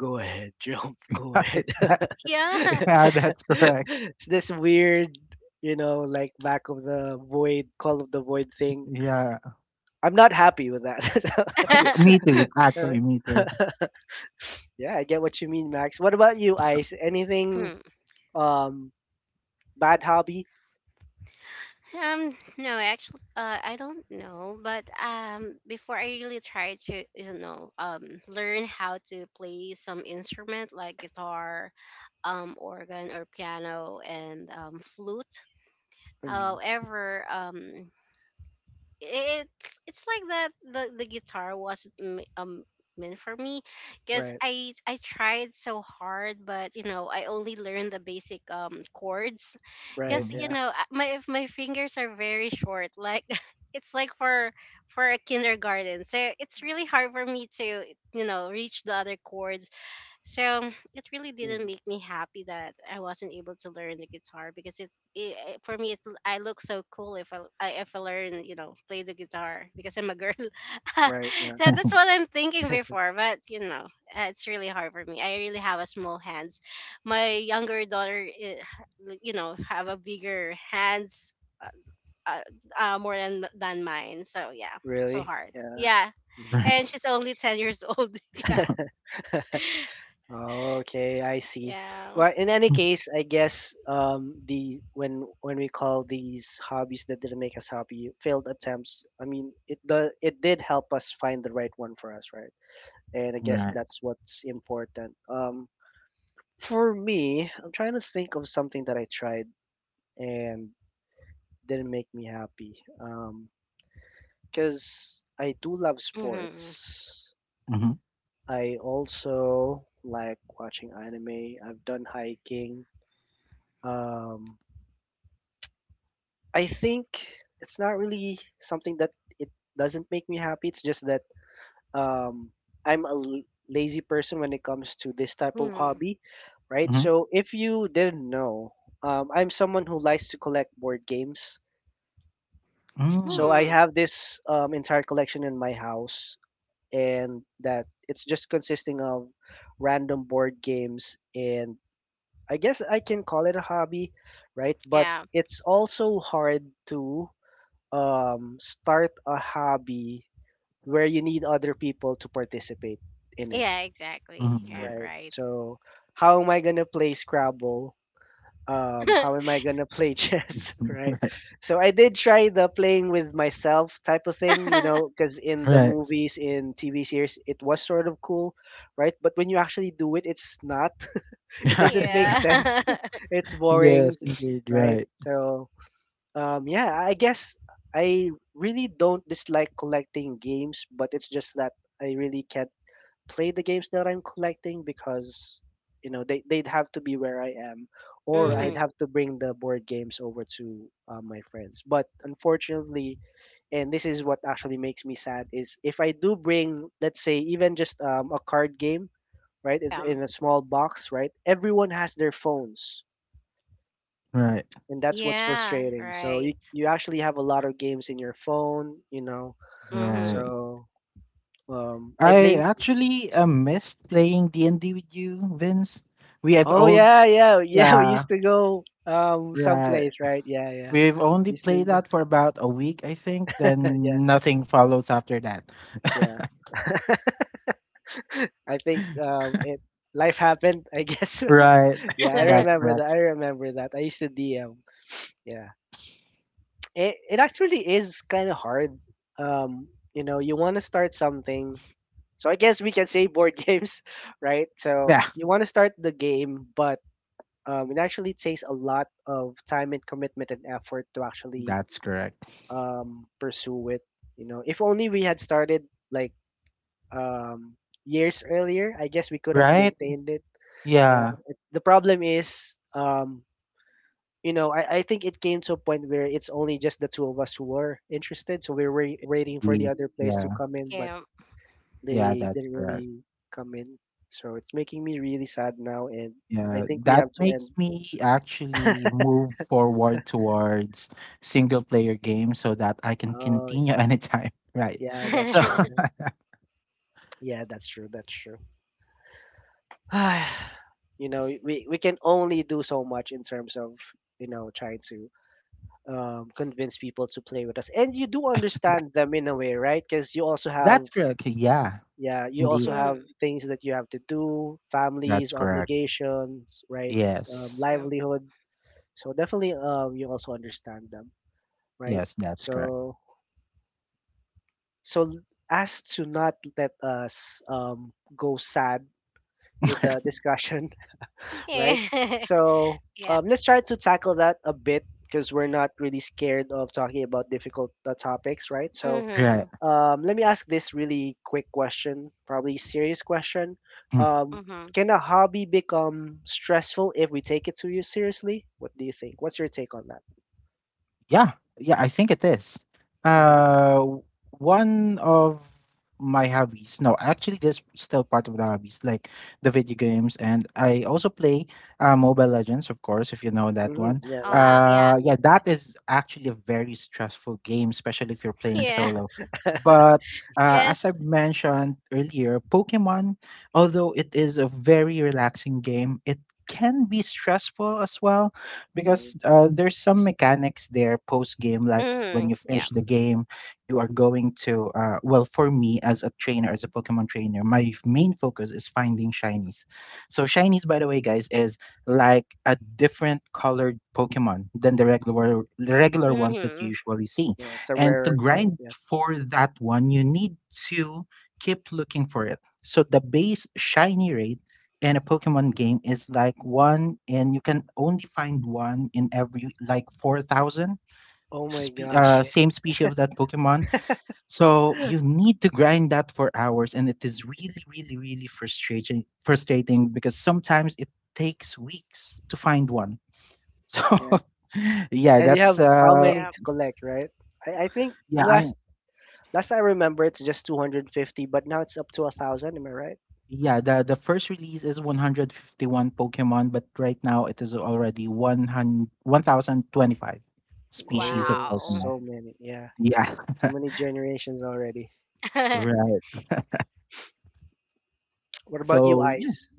Speaker 1: go ahead, jump, [laughs] go ahead.
Speaker 2: Right. That-
Speaker 3: Yeah.
Speaker 2: yeah, that's
Speaker 1: [laughs]
Speaker 2: correct.
Speaker 1: It's this weird, you know, like back of the void, call of the void thing.
Speaker 2: Yeah.
Speaker 1: I'm not happy with that. [laughs]
Speaker 2: [laughs] Me
Speaker 3: [laughs]
Speaker 2: too.
Speaker 1: So,
Speaker 2: Actually, me
Speaker 1: uh,
Speaker 2: too.
Speaker 1: [laughs] yeah, I get what you mean, Max. What about you, Ice? Anything
Speaker 3: [clears throat]
Speaker 1: um bad hobby?
Speaker 3: Um no, actually, uh, I don't know, but um before, I really try to, you know um learn how to play some instrument like guitar, um organ or piano, and um flute.
Speaker 1: Mm,
Speaker 3: However, um it's it's like that the the guitar wasn't m- um meant for me because
Speaker 1: right,
Speaker 3: i i tried so hard, but you know, I only learned the basic um chords
Speaker 1: right,
Speaker 3: because
Speaker 2: Mhm.
Speaker 3: you
Speaker 1: yeah,
Speaker 3: know, I- my if my fingers are very short, like [laughs] it's like for for a kindergarten, so it's really hard for me to, you know, reach the other chords. So it really didn't
Speaker 1: mm,
Speaker 3: make me happy that I wasn't able to learn the guitar because it, it it- for me, it, I look so cool if I I- if I learn, you know, play the guitar because I'm a girl. [laughs] So
Speaker 1: right, yeah.
Speaker 3: that's
Speaker 2: [laughs]
Speaker 3: what I'm thinking before, but you know, uh, it's really hard for me. I really have a small hands. My younger daughter, eh, like, you know, have a bigger hands, uh, uh, uh, more than than mine. So yeah, so
Speaker 1: Really?
Speaker 3: hard.
Speaker 1: Yeah.
Speaker 3: Yeah,
Speaker 1: Mhm.
Speaker 3: and
Speaker 2: Right.
Speaker 3: she's only ten years old. [laughs] Yeah,
Speaker 1: Okay, I see.
Speaker 3: yeah.
Speaker 1: Well, in any case, I guess um the when when we call these hobbies that didn't make us happy failed attempts, I mean, it the it did help us find the right one for us, right? And I guess
Speaker 2: Right.
Speaker 1: that's what's important. Um, for me, I'm trying to think of something that I tried and didn't make me happy. Um, because I do love
Speaker 3: Mhm.
Speaker 1: sports.
Speaker 2: Mm-hmm.
Speaker 1: I also like watching anime. I've done hiking. Um, I think it's not really something that it doesn't make me happy. It's just that, um, I'm a l- lazy person when it comes to this type of
Speaker 3: Hmm.
Speaker 1: hobby, right?
Speaker 2: Mm-hmm.
Speaker 1: So if you didn't know, um, I'm someone who likes to collect board games.
Speaker 2: Hmm.
Speaker 1: So I
Speaker 3: Hmm.
Speaker 1: have this um, entire collection in my house, and that it's just consisting of random board games, and I guess I can call it a hobby, right? But
Speaker 3: Yeah.
Speaker 1: it's also hard to um, start a hobby where you need other people to participate in it,
Speaker 3: Yeah, exactly.
Speaker 2: Hmm.
Speaker 3: Yeah,
Speaker 2: Mm.
Speaker 1: right?
Speaker 3: right.
Speaker 1: So, how am I gonna play Scrabble? Um, how am I gonna play [laughs] chess,
Speaker 2: Hmm.
Speaker 1: right?
Speaker 2: Right.
Speaker 1: So I did try the playing with myself type of thing, you know,
Speaker 3: [laughs]
Speaker 1: because
Speaker 2: [laughs]
Speaker 1: in
Speaker 2: Right.
Speaker 1: the
Speaker 2: Right. [laughs]
Speaker 1: movies, in T V series, it was sort of cool, right? But when you actually do it, it's not. [laughs] It
Speaker 2: Yeah,
Speaker 1: doesn't
Speaker 2: it's
Speaker 1: make [laughs]
Speaker 2: not-
Speaker 1: sense.
Speaker 3: yeah. [laughs]
Speaker 1: It's boring,
Speaker 2: yes, indeed.
Speaker 1: right?
Speaker 2: Right.
Speaker 1: So, um, yeah, I guess I really don't dislike collecting games, but it's just that I really can't play the games that I'm collecting because, you know, they, they'd have to be where I am, or I'd
Speaker 3: mm-hmm.
Speaker 2: Mhm.
Speaker 1: have to bring the board games over to uh, my friends. But unfortunately, and this is what actually makes me sad, is if I do bring, let's say, even just um, a card game, right, in
Speaker 3: Yeah.
Speaker 1: in a small box, right, everyone has their phones,
Speaker 2: Right.
Speaker 1: and that's what's
Speaker 3: Yeah,
Speaker 1: frustrating. So
Speaker 3: right.
Speaker 1: you you actually have a lot of games in your phone, you know.
Speaker 2: Right.
Speaker 3: Mm-hmm.
Speaker 1: So um, I
Speaker 2: I
Speaker 1: blame.
Speaker 2: actually uh, missed playing D and D with you, Vince. We have
Speaker 1: Oh
Speaker 2: all
Speaker 1: yeah, yeah, [laughs] yeah. We
Speaker 2: Yeah,
Speaker 1: used to go um
Speaker 2: right.
Speaker 1: someplace, right? Yeah, yeah.
Speaker 2: We've only
Speaker 1: Used to,
Speaker 2: played
Speaker 1: go-
Speaker 2: that for about a week, I think.
Speaker 1: [laughs] yeah,
Speaker 2: Then nothing follows after that.
Speaker 1: yeah.
Speaker 2: [laughs]
Speaker 1: [laughs] I think um it life happened, I guess.
Speaker 2: Right.
Speaker 1: [laughs] Yeah,
Speaker 2: [laughs]
Speaker 1: I
Speaker 2: That's
Speaker 3: [laughs]
Speaker 1: remember
Speaker 2: correct.
Speaker 1: that. I remember that. I used to D M. Yeah, it it actually is kind of hard. Um, you know, you want to start something. So I guess we can say board [laughs] games, right? So
Speaker 2: Yeah,
Speaker 1: you want to start the game, but um, it actually takes a lot of time and commitment and effort to actually
Speaker 2: that's correct.
Speaker 1: um, pursue it. You know, if only we had started like, um, years earlier, I guess we could have
Speaker 2: Right?
Speaker 1: maintained it. Yeah.
Speaker 2: Yeah.
Speaker 1: It, the problem is, um, you know, I, I think it came to a point where it's only just the two of us who were interested, so we were waiting for the
Speaker 2: the-
Speaker 1: other players to
Speaker 2: Yeah.
Speaker 1: come in, but
Speaker 3: yeah.
Speaker 2: Yeah,
Speaker 1: they
Speaker 2: that's
Speaker 1: didn't
Speaker 2: correct.
Speaker 1: really come in. So it's making me really sad now, and I
Speaker 2: Yeah,
Speaker 1: think we
Speaker 2: that
Speaker 1: have to end.
Speaker 2: makes me actually move forward towards single player games so that I can
Speaker 1: Oh,
Speaker 2: continue anytime, [laughs] right?
Speaker 1: yeah, that's
Speaker 2: So
Speaker 1: true. Yeah,
Speaker 3: [laughs]
Speaker 2: [laughs]
Speaker 1: yeah, that's true. That's true. [sighs] you know, we we can only do so much in terms of you know trying to um, convince people to play with us, and you do understand them in a way, right? Because you also have,
Speaker 2: that's correct. Yeah,
Speaker 1: yeah, you also
Speaker 2: indeed.
Speaker 1: have
Speaker 3: mm,
Speaker 1: things that you have to do,
Speaker 2: That's
Speaker 1: families,
Speaker 2: correct.
Speaker 1: obligations, right? Um,
Speaker 2: Yes.
Speaker 3: yep.
Speaker 1: livelihood. So definitely, um, you also understand them, right?
Speaker 2: Yes, that's correct.
Speaker 1: So, so as to not let us um, go sad with the
Speaker 2: [laughs]
Speaker 1: discussion, [laughs] right?
Speaker 3: Yeah. [laughs]
Speaker 1: So
Speaker 3: yeah.
Speaker 1: um, let's try to tackle that a bit because we're not really scared of talking about difficult uh, topics, right? So
Speaker 3: Mm-hmm.
Speaker 2: Right.
Speaker 1: um, let me ask this really quick question, probably serious question. Um,
Speaker 3: Mm-hmm.
Speaker 1: can a hobby become stressful if we take it too seriously? What do you think? What's your take on that?
Speaker 2: Yeah, yeah, I think it is.
Speaker 1: Hmm.
Speaker 2: Uh, w- One of my hobbies. No, actually, this still part of the hobbies, like the video games, and I also play uh, Mobile Legends, of course, if you know that
Speaker 1: Hmm.
Speaker 2: one.
Speaker 1: Yeah,
Speaker 3: Oh, wow.
Speaker 1: yeah,
Speaker 3: Yeah,
Speaker 2: Uh, yeah,
Speaker 3: me too.
Speaker 2: that is actually a very stressful game, especially if you're playing
Speaker 3: Yeah. [laughs]
Speaker 2: solo.
Speaker 1: yeah.
Speaker 2: But uh, as I
Speaker 3: Yes.
Speaker 2: mentioned earlier, Pokemon, although it is a very relaxing game, it can be stressful as well
Speaker 1: [laughs] Hmm.
Speaker 2: because uh, there's some mechanics there post game like when you
Speaker 3: Mm-hmm.
Speaker 2: finish
Speaker 3: Yeah.
Speaker 2: the game you are going to, uh, well, for me, as a trainer as a pokemon trainer, my main focus is finding shinies. So shinies, by the way, guys, is like a different colored pokemon than the regular, the regular ones that you
Speaker 3: Mm-hmm.
Speaker 2: usually see,
Speaker 1: Yeah, it's a
Speaker 2: and to
Speaker 1: rarer type.
Speaker 2: grind
Speaker 1: Yeah.
Speaker 2: for that one you need to keep looking for it. So the base shiny rate and a Pokemon game is like one, and you can only find one in every like four thousand
Speaker 1: Oh my
Speaker 2: spe-
Speaker 1: gosh,
Speaker 2: uh,
Speaker 1: yeah.
Speaker 2: same species of that Pokemon. So you need to grind that for hours, and it is really, really, really frustrating. Frustrating because sometimes it takes weeks to find one. [laughs] So
Speaker 1: Yeah.
Speaker 2: yeah,
Speaker 1: And you
Speaker 2: that's
Speaker 1: have how
Speaker 2: uh,
Speaker 1: many
Speaker 3: Yeah.
Speaker 1: to collect, right? I, I think
Speaker 2: yeah,
Speaker 1: the
Speaker 2: I
Speaker 1: last last I remember it's just two hundred fifty, but now it's up to a thousand, am I right?
Speaker 2: yeah the the first release is one hundred fifty-one Pokemon, but right now it is already one hundred one thousand twenty-five species of
Speaker 1: Oh,
Speaker 3: Wow.
Speaker 2: Pokemon.
Speaker 1: so many. Yeah.
Speaker 2: Yeah.
Speaker 1: So
Speaker 2: [laughs]
Speaker 1: many generations already.
Speaker 3: [laughs]
Speaker 2: Right.
Speaker 1: What about you,
Speaker 2: So yeah.
Speaker 1: Ice?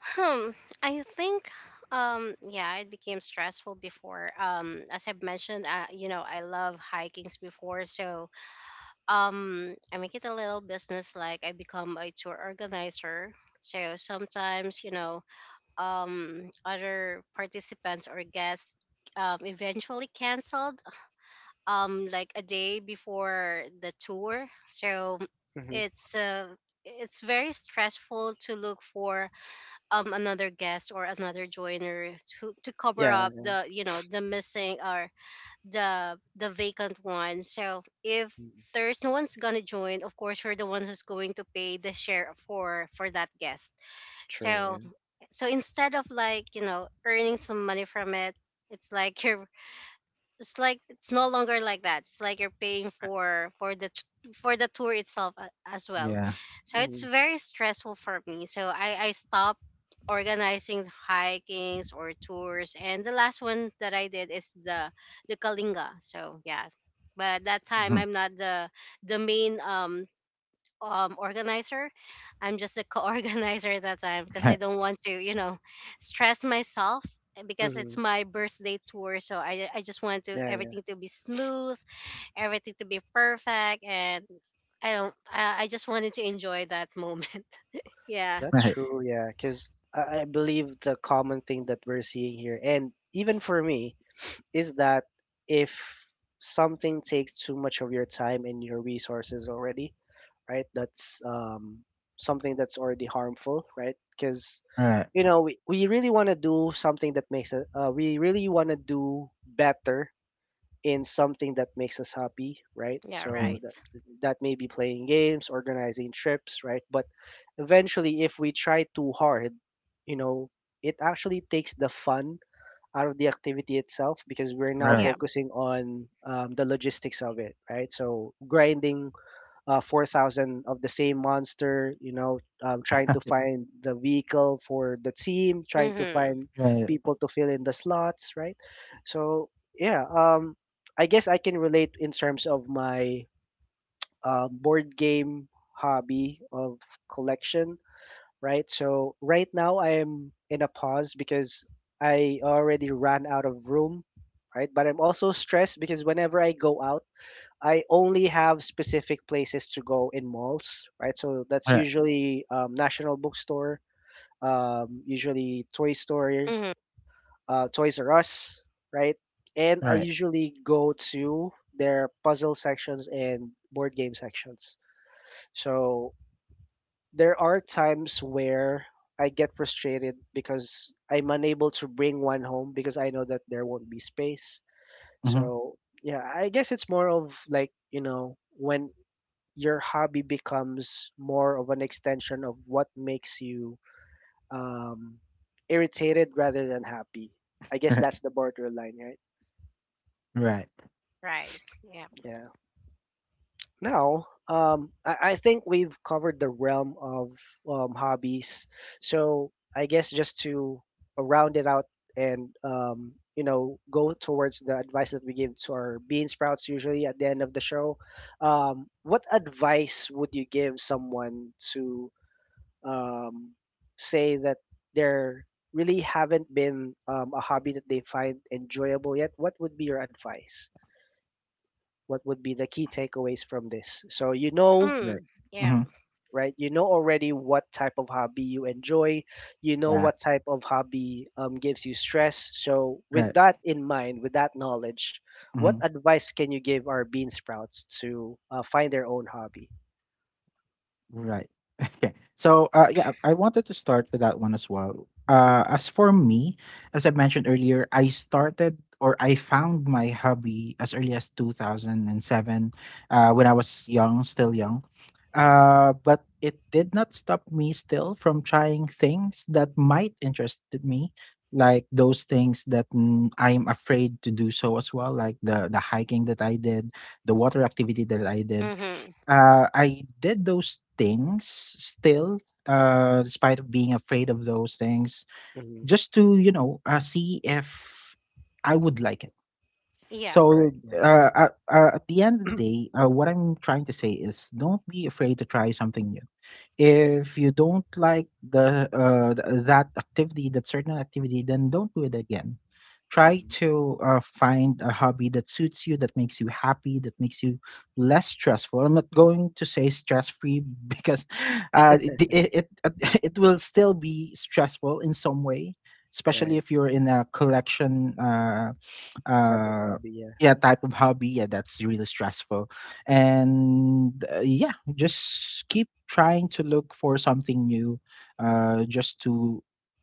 Speaker 3: Hmm. I think um yeah, it became stressful before. Um as I've mentioned, uh, you know, I love hikings before, so um I make it a little business, like I become a tour organizer. So sometimes, you know, um other participants or guests um eventually canceled um like a day before the tour. So
Speaker 1: Hmm.
Speaker 3: it's uh it's very stressful to look for um another guest or another joiner to to cover
Speaker 1: Yeah.
Speaker 3: up the, you know, the missing or the the vacant one. So if
Speaker 1: Mm,
Speaker 3: there's no one's gonna join, of course you're the one who's going to pay the share for for that guest.
Speaker 1: true,
Speaker 3: So
Speaker 1: yeah.
Speaker 3: so instead of, like, you know, earning some money from it, it's like [laughs] you're, it's like it's no longer like that. It's like you're paying for for the t- for the tour itself a- as well.
Speaker 2: Yeah.
Speaker 3: So it's
Speaker 1: Hmm.
Speaker 3: very stressful for me, so i i stopped organizing hikings or tours, and the last one that I did is the the Kalinga. So yeah, but that time,
Speaker 2: Mhm.
Speaker 3: I'm not the the main um um organizer. I'm just a co-organizer [laughs] at that time because I
Speaker 2: Right.
Speaker 3: don't want to, you know, stress myself, uh, because
Speaker 1: Hmm.
Speaker 3: it's my birthday tour. So I I just want to
Speaker 1: Yeah, yeah.
Speaker 3: everything to be smooth, everything to be perfect, and I don't. I, I just wanted to enjoy that moment. [laughs] Yeah.
Speaker 1: That's
Speaker 2: Right.
Speaker 1: true, yeah. Because I, I believe the common thing that we're seeing here, and even for me, is that if something takes too much of your time and your resources already, right? That's um, something that's already harmful, right? Because
Speaker 2: Right.
Speaker 1: you know we, we really want to do something that makes us uh, we really want to do better in something that makes us happy, right?
Speaker 3: Yeah.
Speaker 2: Mhm.
Speaker 1: So
Speaker 3: Right.
Speaker 1: that, that may be playing games, organizing trips, right? But eventually, if we try too hard, you know it actually takes the fun out of the activity itself because we're now
Speaker 2: Right.
Speaker 3: Yeah.
Speaker 1: focusing on um, the logistics of it, right? So grinding uh, four thousand of the same monster, you know, um, trying to
Speaker 2: [laughs]
Speaker 1: find the vehicle for the team, trying to
Speaker 3: Mhm.
Speaker 1: find
Speaker 2: Right.
Speaker 1: people to fill in the slots, right? So, yeah, um, I guess I can relate in terms of my uh, board game hobby of collection, right? So, right now I am in a pause because I already ran out of room, right? But I'm also stressed because whenever I go out, I only have specific places to go in malls, right? So that's
Speaker 2: Right.
Speaker 1: usually um, National Bookstore, um, usually Toy Store,
Speaker 3: Mhm.
Speaker 1: uh, Toys R Us, right? And I
Speaker 2: Right.
Speaker 1: usually go to their puzzle sections and board game sections. So there are times where I get frustrated because I'm unable to bring one home because I know that there won't be space.
Speaker 2: Mhm.
Speaker 1: So yeah, I guess it's more of like, you know, when your hobby becomes more of an extension of what makes you um, irritated rather than happy. I guess
Speaker 2: Right.
Speaker 1: that's the borderline, right?
Speaker 2: Right.
Speaker 3: Right. Yeah.
Speaker 1: Yeah. Now, um, I, I think we've covered the realm of um, hobbies. So I guess just to round it out and um, you know go towards the advice that we give to our bean sprouts usually at the end of the show. Um, what advice would you give someone to um, say that there really haven't been um, a hobby that they find enjoyable yet? What would be your advice? What would be the key takeaways from this? So you know,
Speaker 2: Right.
Speaker 3: Hmm. Yeah.
Speaker 2: Mhm.
Speaker 1: right? You know already what type of hobby you enjoy. You know
Speaker 2: Yeah.
Speaker 1: what type of hobby um, gives you stress. So with
Speaker 2: Right.
Speaker 1: that in mind, with that knowledge, what
Speaker 2: Mhm.
Speaker 1: advice can you give our bean sprouts to uh, find their own hobby?
Speaker 2: Right. [laughs] Okay. So, uh, yeah, I wanted to start with that one as well.
Speaker 1: Mm-hmm.
Speaker 2: Uh, as for me, as I mentioned earlier, I started, or I found my hobby as early as two thousand seven, uh, when I was young, still young.
Speaker 1: Mm-hmm.
Speaker 2: Uh, but it did not stop me still from trying things that might interest me, like those things that, mm, I'm afraid to do so as well, like the the hiking that I did, the water activity that I did,
Speaker 3: Mhm.
Speaker 2: uh, I did those things still, uh, despite of being afraid of those things,
Speaker 1: Mm-hmm.
Speaker 2: just to, you know uh, see if I would like it.
Speaker 3: Yeah.
Speaker 1: Right.
Speaker 2: So
Speaker 1: Yeah.
Speaker 2: uh, at, uh, at the end of the
Speaker 1: [clears throat]
Speaker 2: day, uh, what I'm trying to say is don't be afraid to try something new. If you don't like the uh, th- uh, that activity, that certain activity, then don't do it again. Try
Speaker 1: Hmm.
Speaker 2: to uh, find a hobby that suits you, that makes you happy, that makes you less stressful. I'm not going to say stress free [laughs] because uh, it, it it [laughs] it will still be stressful in some way, especially
Speaker 1: Right.
Speaker 2: if you're in a collection. Uh,
Speaker 1: Type of
Speaker 2: uh
Speaker 1: hobby. Yeah.
Speaker 2: yeah, type of hobby, yeah, that's really stressful, and uh, yeah, just keep trying to look for something new, uh just to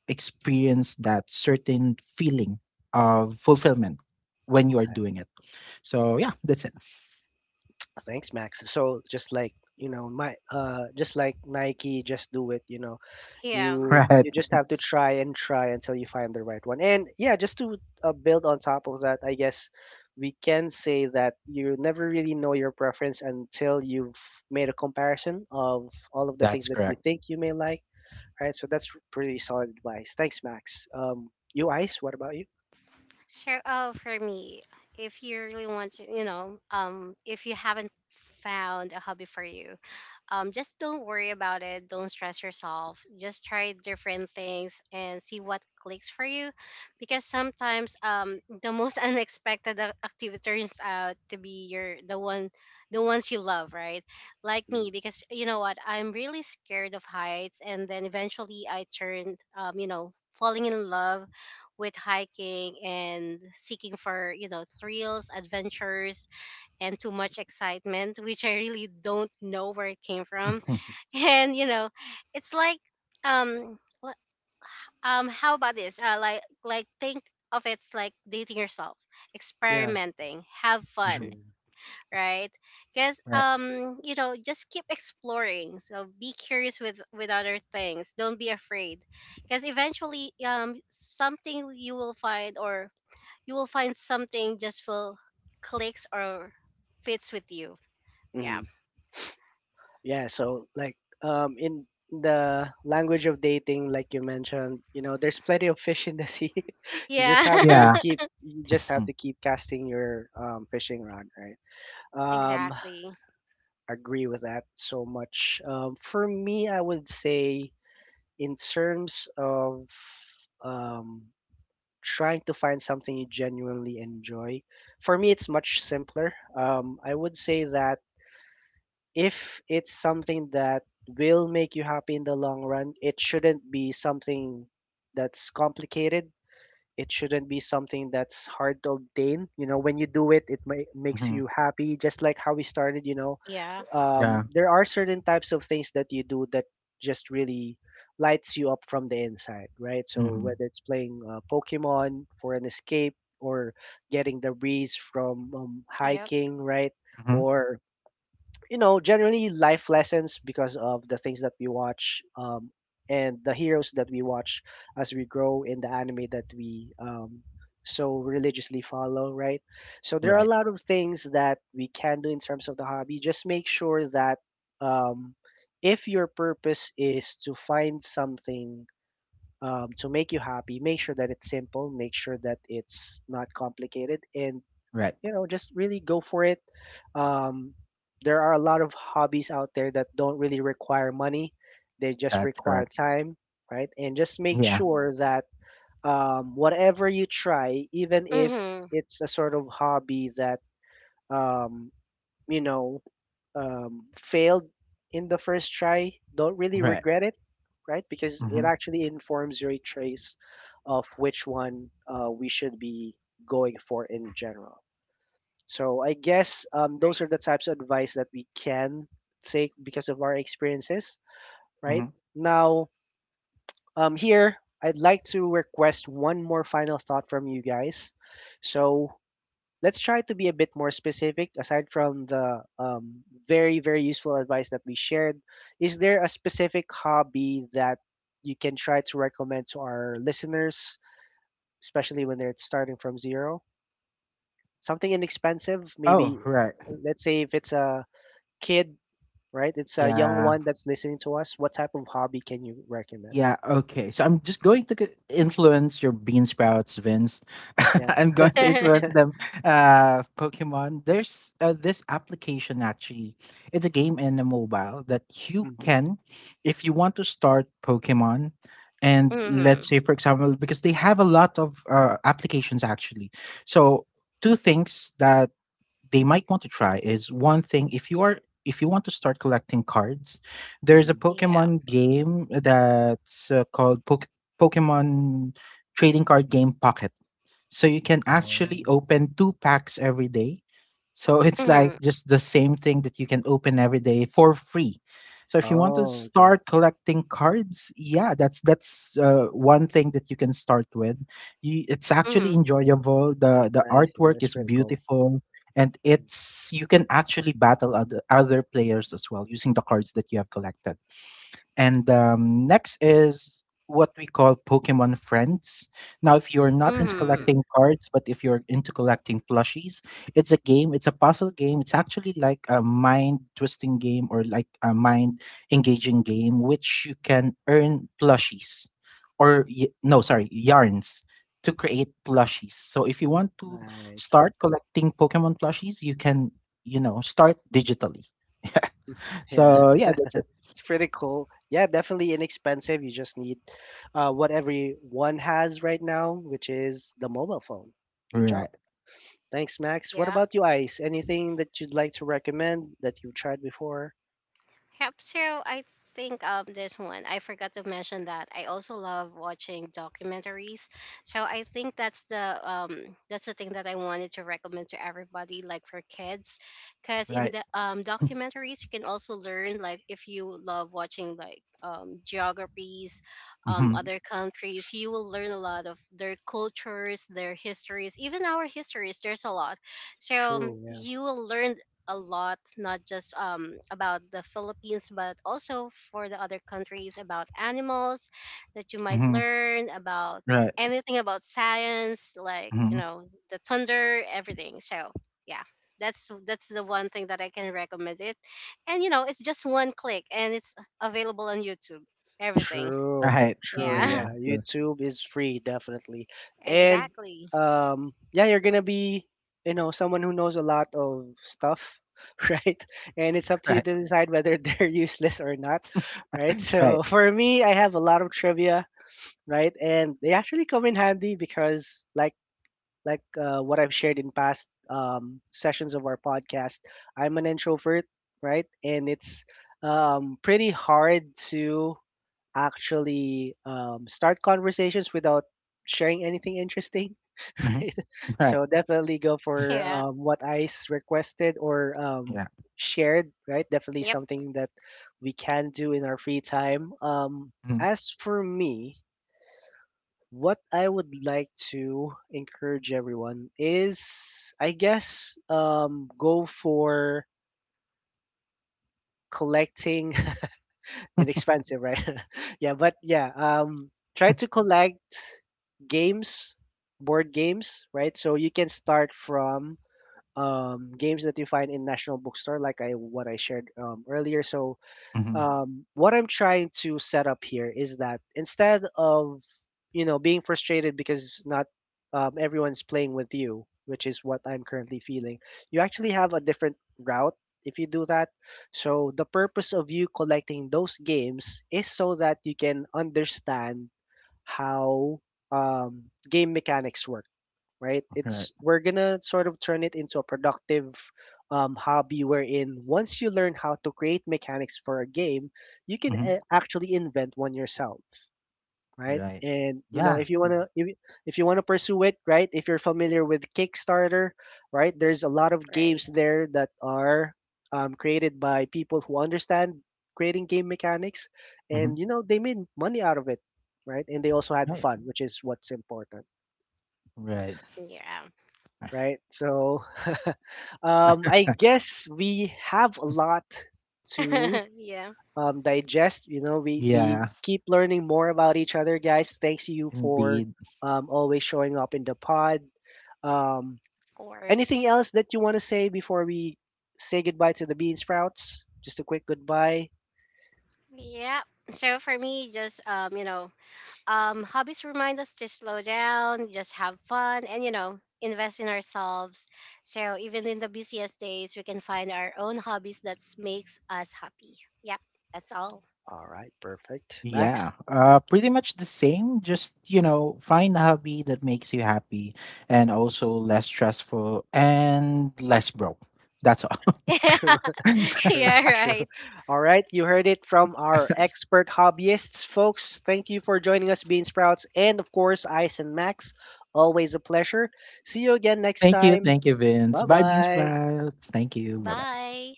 Speaker 2: experience that certain feeling of fulfillment when you are doing it. So yeah, that's it.
Speaker 1: Thanks, Max. So just like you know, my uh, just like Nike, just do it. You know,
Speaker 3: Yeah.
Speaker 2: [laughs]
Speaker 1: you
Speaker 2: Right.
Speaker 1: you just have to try and try until you find the right one. And yeah, just to uh, build on top of that, I guess we can say that you never really know your preference until you've made a comparison of all of the
Speaker 2: That's
Speaker 1: things that you
Speaker 2: correct.
Speaker 1: think you may like. Right. So that's pretty solid advice. Thanks, Max. Um, you, Ice. What about you?
Speaker 3: So, uh, for me, if you really want to, you know, um, if you haven't found a hobby for you, um, just don't worry about it. Don't stress yourself. Just try different things and see what clicks for you, because sometimes, um, the most [laughs] unexpected ac- activity turns out to be your the one, the ones you love, right? Like me,
Speaker 1: Mm.
Speaker 3: because you know what, I'm really scared of heights, and then eventually I turned, um, you know, falling in love with hiking and seeking for, you know, thrills, adventures, and too much excitement, which I really don't know where it came from.
Speaker 2: Mhm,
Speaker 3: [laughs] And you know, it's like um l- um how about this? Uh, like like think of, it's like dating yourself,
Speaker 1: Yeah.
Speaker 3: experimenting, have fun,
Speaker 2: mhm,
Speaker 1: True.
Speaker 3: right? Because
Speaker 2: right,
Speaker 3: um you know, just keep exploring, so be curious with with other things. Don't be afraid, because eventually um something you will find, or you will find something, just will clicks or fits with you. Yeah.
Speaker 1: Mhm. Yeah, so like um in the language of dating, like you mentioned, you know, there's plenty of fish in the sea. [laughs] You just
Speaker 3: Yeah.
Speaker 1: have to
Speaker 2: yeah.
Speaker 1: keep you just have
Speaker 2: Mhm,
Speaker 1: to keep casting your um fishing rod, right?
Speaker 3: [laughs]
Speaker 1: Um
Speaker 3: Exactly.
Speaker 1: Agree with that so much. Um for me, I would say in terms of um trying to find something you genuinely enjoy, for me it's much simpler. Um I would say that if it's something that will make you happy in the long run, it shouldn't be something that's complicated. It shouldn't be something that's hard to obtain. You know, when you do it, it ma- makes
Speaker 2: mhm,
Speaker 1: you happy, just like how we started. You know,
Speaker 3: Yeah.
Speaker 1: um,
Speaker 2: yeah.
Speaker 1: there are certain types of things that you do that just really lights you up from the inside, right? So,
Speaker 2: Hmm.
Speaker 1: whether it's playing uh, Pokemon for an escape or getting the breeze from um,
Speaker 3: Yep.
Speaker 1: hiking, right?
Speaker 2: Hmm.
Speaker 1: Or you know generally life lessons because of the things that we watch um, and the heroes that we watch as we grow in the anime that we um, so religiously follow, right? So there are a
Speaker 2: Right,
Speaker 1: lot of things that we can do in terms of the hobby. Just make sure that um, if your purpose is to find something um, to make you happy, make sure that it's simple, make sure that it's not complicated, and
Speaker 2: right,
Speaker 1: you know just really go for it. um, there are a lot of hobbies out there that don't really require money, they just
Speaker 2: that's
Speaker 1: require
Speaker 2: correct,
Speaker 1: time, right? And just make
Speaker 2: yeah.
Speaker 1: sure that um, whatever you try, even if
Speaker 3: Mm-hmm.
Speaker 1: it's a sort of hobby that um, you know um, failed in the first try, don't really
Speaker 2: Right.
Speaker 1: regret it, right? Because it
Speaker 2: Hmm.
Speaker 1: actually informs your choice of which one uh, we should be going for in general. So I guess um, those
Speaker 3: Right.
Speaker 1: are the types of advice that we can take because of our experiences,
Speaker 2: Hmm.
Speaker 1: right? Now, um, here, I'd like to request one more final thought from you guys. So let's try to be a bit more specific. Aside from the um, very, very useful advice that we shared, is there a specific hobby that you can try to recommend to our listeners, especially when they're starting from zero? Something inexpensive,
Speaker 2: Oh,
Speaker 1: maybe
Speaker 2: right.
Speaker 1: let's say if it's a kid, right? It's a young
Speaker 2: Yeah.
Speaker 1: one that's listening to us. What type of hobby can you recommend?
Speaker 2: Yeah, okay. So I'm just going to c- influence your bean sprouts, Vince. [laughs]
Speaker 1: Yeah.
Speaker 2: I'm going to influence
Speaker 3: [laughs]
Speaker 2: them. Uh, Pokemon. There's uh, this application actually. It's a game in a mobile that you
Speaker 1: Mm-hmm.
Speaker 2: can, if you want to start Pokemon, and
Speaker 3: mm-hmm.
Speaker 2: let's say for example, because they have a lot of uh, applications actually. So two things that they might want to try is, one thing, if you are if you want to start collecting cards, there's a
Speaker 1: Hmm.
Speaker 3: Yeah.
Speaker 2: pokemon game that's uh, called Poke Pokemon Trading Card Game Pocket, so you can actually
Speaker 1: Oh.
Speaker 2: open two packs every day. So [laughs] it's like
Speaker 3: Mm-hmm.
Speaker 2: just the same thing that you can open every day for free. So if you want to
Speaker 1: Oh, okay.
Speaker 2: start collecting cards, yeah, that's that's uh, one thing that you can start with. You, it's actually
Speaker 3: Mm-hmm.
Speaker 2: enjoyable. the
Speaker 1: That's
Speaker 2: The
Speaker 1: nice. Yeah,
Speaker 2: artwork
Speaker 1: that's
Speaker 2: is
Speaker 1: pretty cool.
Speaker 2: beautiful, and
Speaker 1: Mm.
Speaker 2: it's you can actually battle other, other players as well using the cards that you have collected. And um, next is what we call Pokemon Friends. Now, if you're not into
Speaker 3: Mm-hmm.
Speaker 2: collecting cards, but if you're into collecting plushies, it's a game, it's a puzzle game. It's actually like a mind twisting game or like a mind engaging game, which you can earn plushies, or, y- no, sorry, yarns, to create plushies. So if you want to
Speaker 1: Nice.
Speaker 2: start collecting Pokemon plushies, you can, you know, start digitally.
Speaker 1: Yeah,
Speaker 2: So yeah, that's it.
Speaker 1: [laughs] it's pretty cool. Yeah, definitely inexpensive. You just need uh, what everyone has right now, which is the mobile phone. Good job.
Speaker 2: Right,
Speaker 1: Thanks, Max. What
Speaker 3: Yeah.
Speaker 1: about you, Ice? Anything that you'd like to recommend that you've tried before?
Speaker 3: Yep. So I think um this one, I forgot to mention that I also love watching documentaries. So I think that's the um that's the thing that I wanted to recommend to everybody, like for kids, because in
Speaker 2: right.
Speaker 3: the um documentaries, you can also learn, like if you love watching, like um geographies, um
Speaker 2: Mhm.
Speaker 1: Mhm.
Speaker 3: other countries, you will learn a lot of their cultures, their histories, even our histories. There's a lot, so um,
Speaker 1: True.
Speaker 3: you will learn a lot, not just um, about the Philippines, but also for the other countries, about animals that you might
Speaker 2: Mhm.
Speaker 3: learn about,
Speaker 2: Right.
Speaker 3: anything about science, like you
Speaker 2: Mhm.
Speaker 3: know, the thunder, everything. So yeah, that's that's the one thing that I can recommend it, and you know, it's just one click and it's available on YouTube. Everything.
Speaker 1: True,
Speaker 2: Right.
Speaker 1: true.
Speaker 2: Yeah.
Speaker 3: Yeah,
Speaker 1: Yeah,
Speaker 2: The
Speaker 1: YouTube is free, definitely.
Speaker 3: [laughs]
Speaker 1: And
Speaker 3: exactly.
Speaker 1: um, yeah, you're gonna be, you know, someone who knows a lot of stuff, [laughs] right? And it's up to you
Speaker 2: Right.
Speaker 1: to decide whether they're [laughs] useless or not, right?
Speaker 2: Right.
Speaker 1: So for me, I have a lot of trivia, right? And they actually come in handy because, like, like uh, what I've shared in past um, sessions of our podcast, I'm an introvert, right? And it's um, pretty hard to actually um, start conversations without sharing anything interesting, [laughs]
Speaker 2: Mhm.
Speaker 1: right?
Speaker 2: Right.
Speaker 1: So definitely go for
Speaker 3: Yeah.
Speaker 1: um, what Ice requested or um,
Speaker 2: Yeah.
Speaker 1: shared, right? Definitely
Speaker 3: Yep.
Speaker 1: something that we can do in our free time. Um,
Speaker 2: Mhm.
Speaker 1: as for me, what I would like to encourage everyone is I guess um, go for collecting inexpensive, right? [laughs] Yeah, but yeah, um, try to collect games, board games, right? So you can start from um, games that you find in National Bookstore, like I what I shared um, earlier. So
Speaker 2: Mhm.
Speaker 1: um, what I'm trying to set up here is that instead of you know being frustrated because not um, everyone's playing with you, which is what I'm currently feeling, you actually have a different route if you do that. So the purpose of you collecting those games is so that you can understand how um, game mechanics work, right?
Speaker 2: Right.
Speaker 1: It's we're gonna sort of turn it into a productive um, hobby wherein once you learn how to create mechanics for a game, you can
Speaker 2: Mhm.
Speaker 1: a- actually invent one yourself, right?
Speaker 2: Right.
Speaker 1: And you know
Speaker 2: Yeah.
Speaker 1: if you wanna
Speaker 2: Mhm.
Speaker 1: if, you- if you wanna pursue it, right? If you're familiar with Kickstarter, right? There's a lot of
Speaker 3: Right.
Speaker 1: games there that are um, created by people who understand creating game mechanics, and
Speaker 2: Mhm.
Speaker 1: you know they made money out of it, right? And they also had
Speaker 2: Right.
Speaker 1: fun, which is what's important,
Speaker 2: Right.
Speaker 3: Yeah.
Speaker 1: right? So, [laughs] um, I guess we have a lot to
Speaker 3: [laughs] yeah. Of
Speaker 1: um, digest. You know, we we
Speaker 2: Yeah.
Speaker 1: keep learning more about each other, guys. Thanks you for
Speaker 2: Indeed.
Speaker 1: um, always showing up in the pod. Um,
Speaker 3: course.
Speaker 1: Anything else that you want to say before we say goodbye to the bean sprouts? Just a quick goodbye.
Speaker 3: Yeah. So for me, just um, you know, um, hobbies remind us to slow down, just have fun, and you know, invest in ourselves. So even in the busiest days, we can find our own hobbies that makes us happy. Yep, that's all.
Speaker 1: All right, perfect,
Speaker 2: Yeah.
Speaker 1: Max.
Speaker 2: Uh, pretty much the same. Just, you know, find a hobby that makes you happy and also less stressful and less broke. That's all.
Speaker 1: [laughs] True,
Speaker 3: [laughs]
Speaker 2: [laughs]
Speaker 3: Yeah,
Speaker 1: [laughs] true.
Speaker 3: right.
Speaker 1: All right, you heard it from our expert hobbyists, folks. Thank you for joining us, Bean Sprouts, and of course, Ice and Max. Always a pleasure. See you again next
Speaker 2: Thank you.
Speaker 1: time.
Speaker 2: Thank you, Vince.
Speaker 1: Bye
Speaker 2: Bye, Bean
Speaker 1: bye.
Speaker 2: Sprouts. Thank you. Bye bye.
Speaker 3: Bye.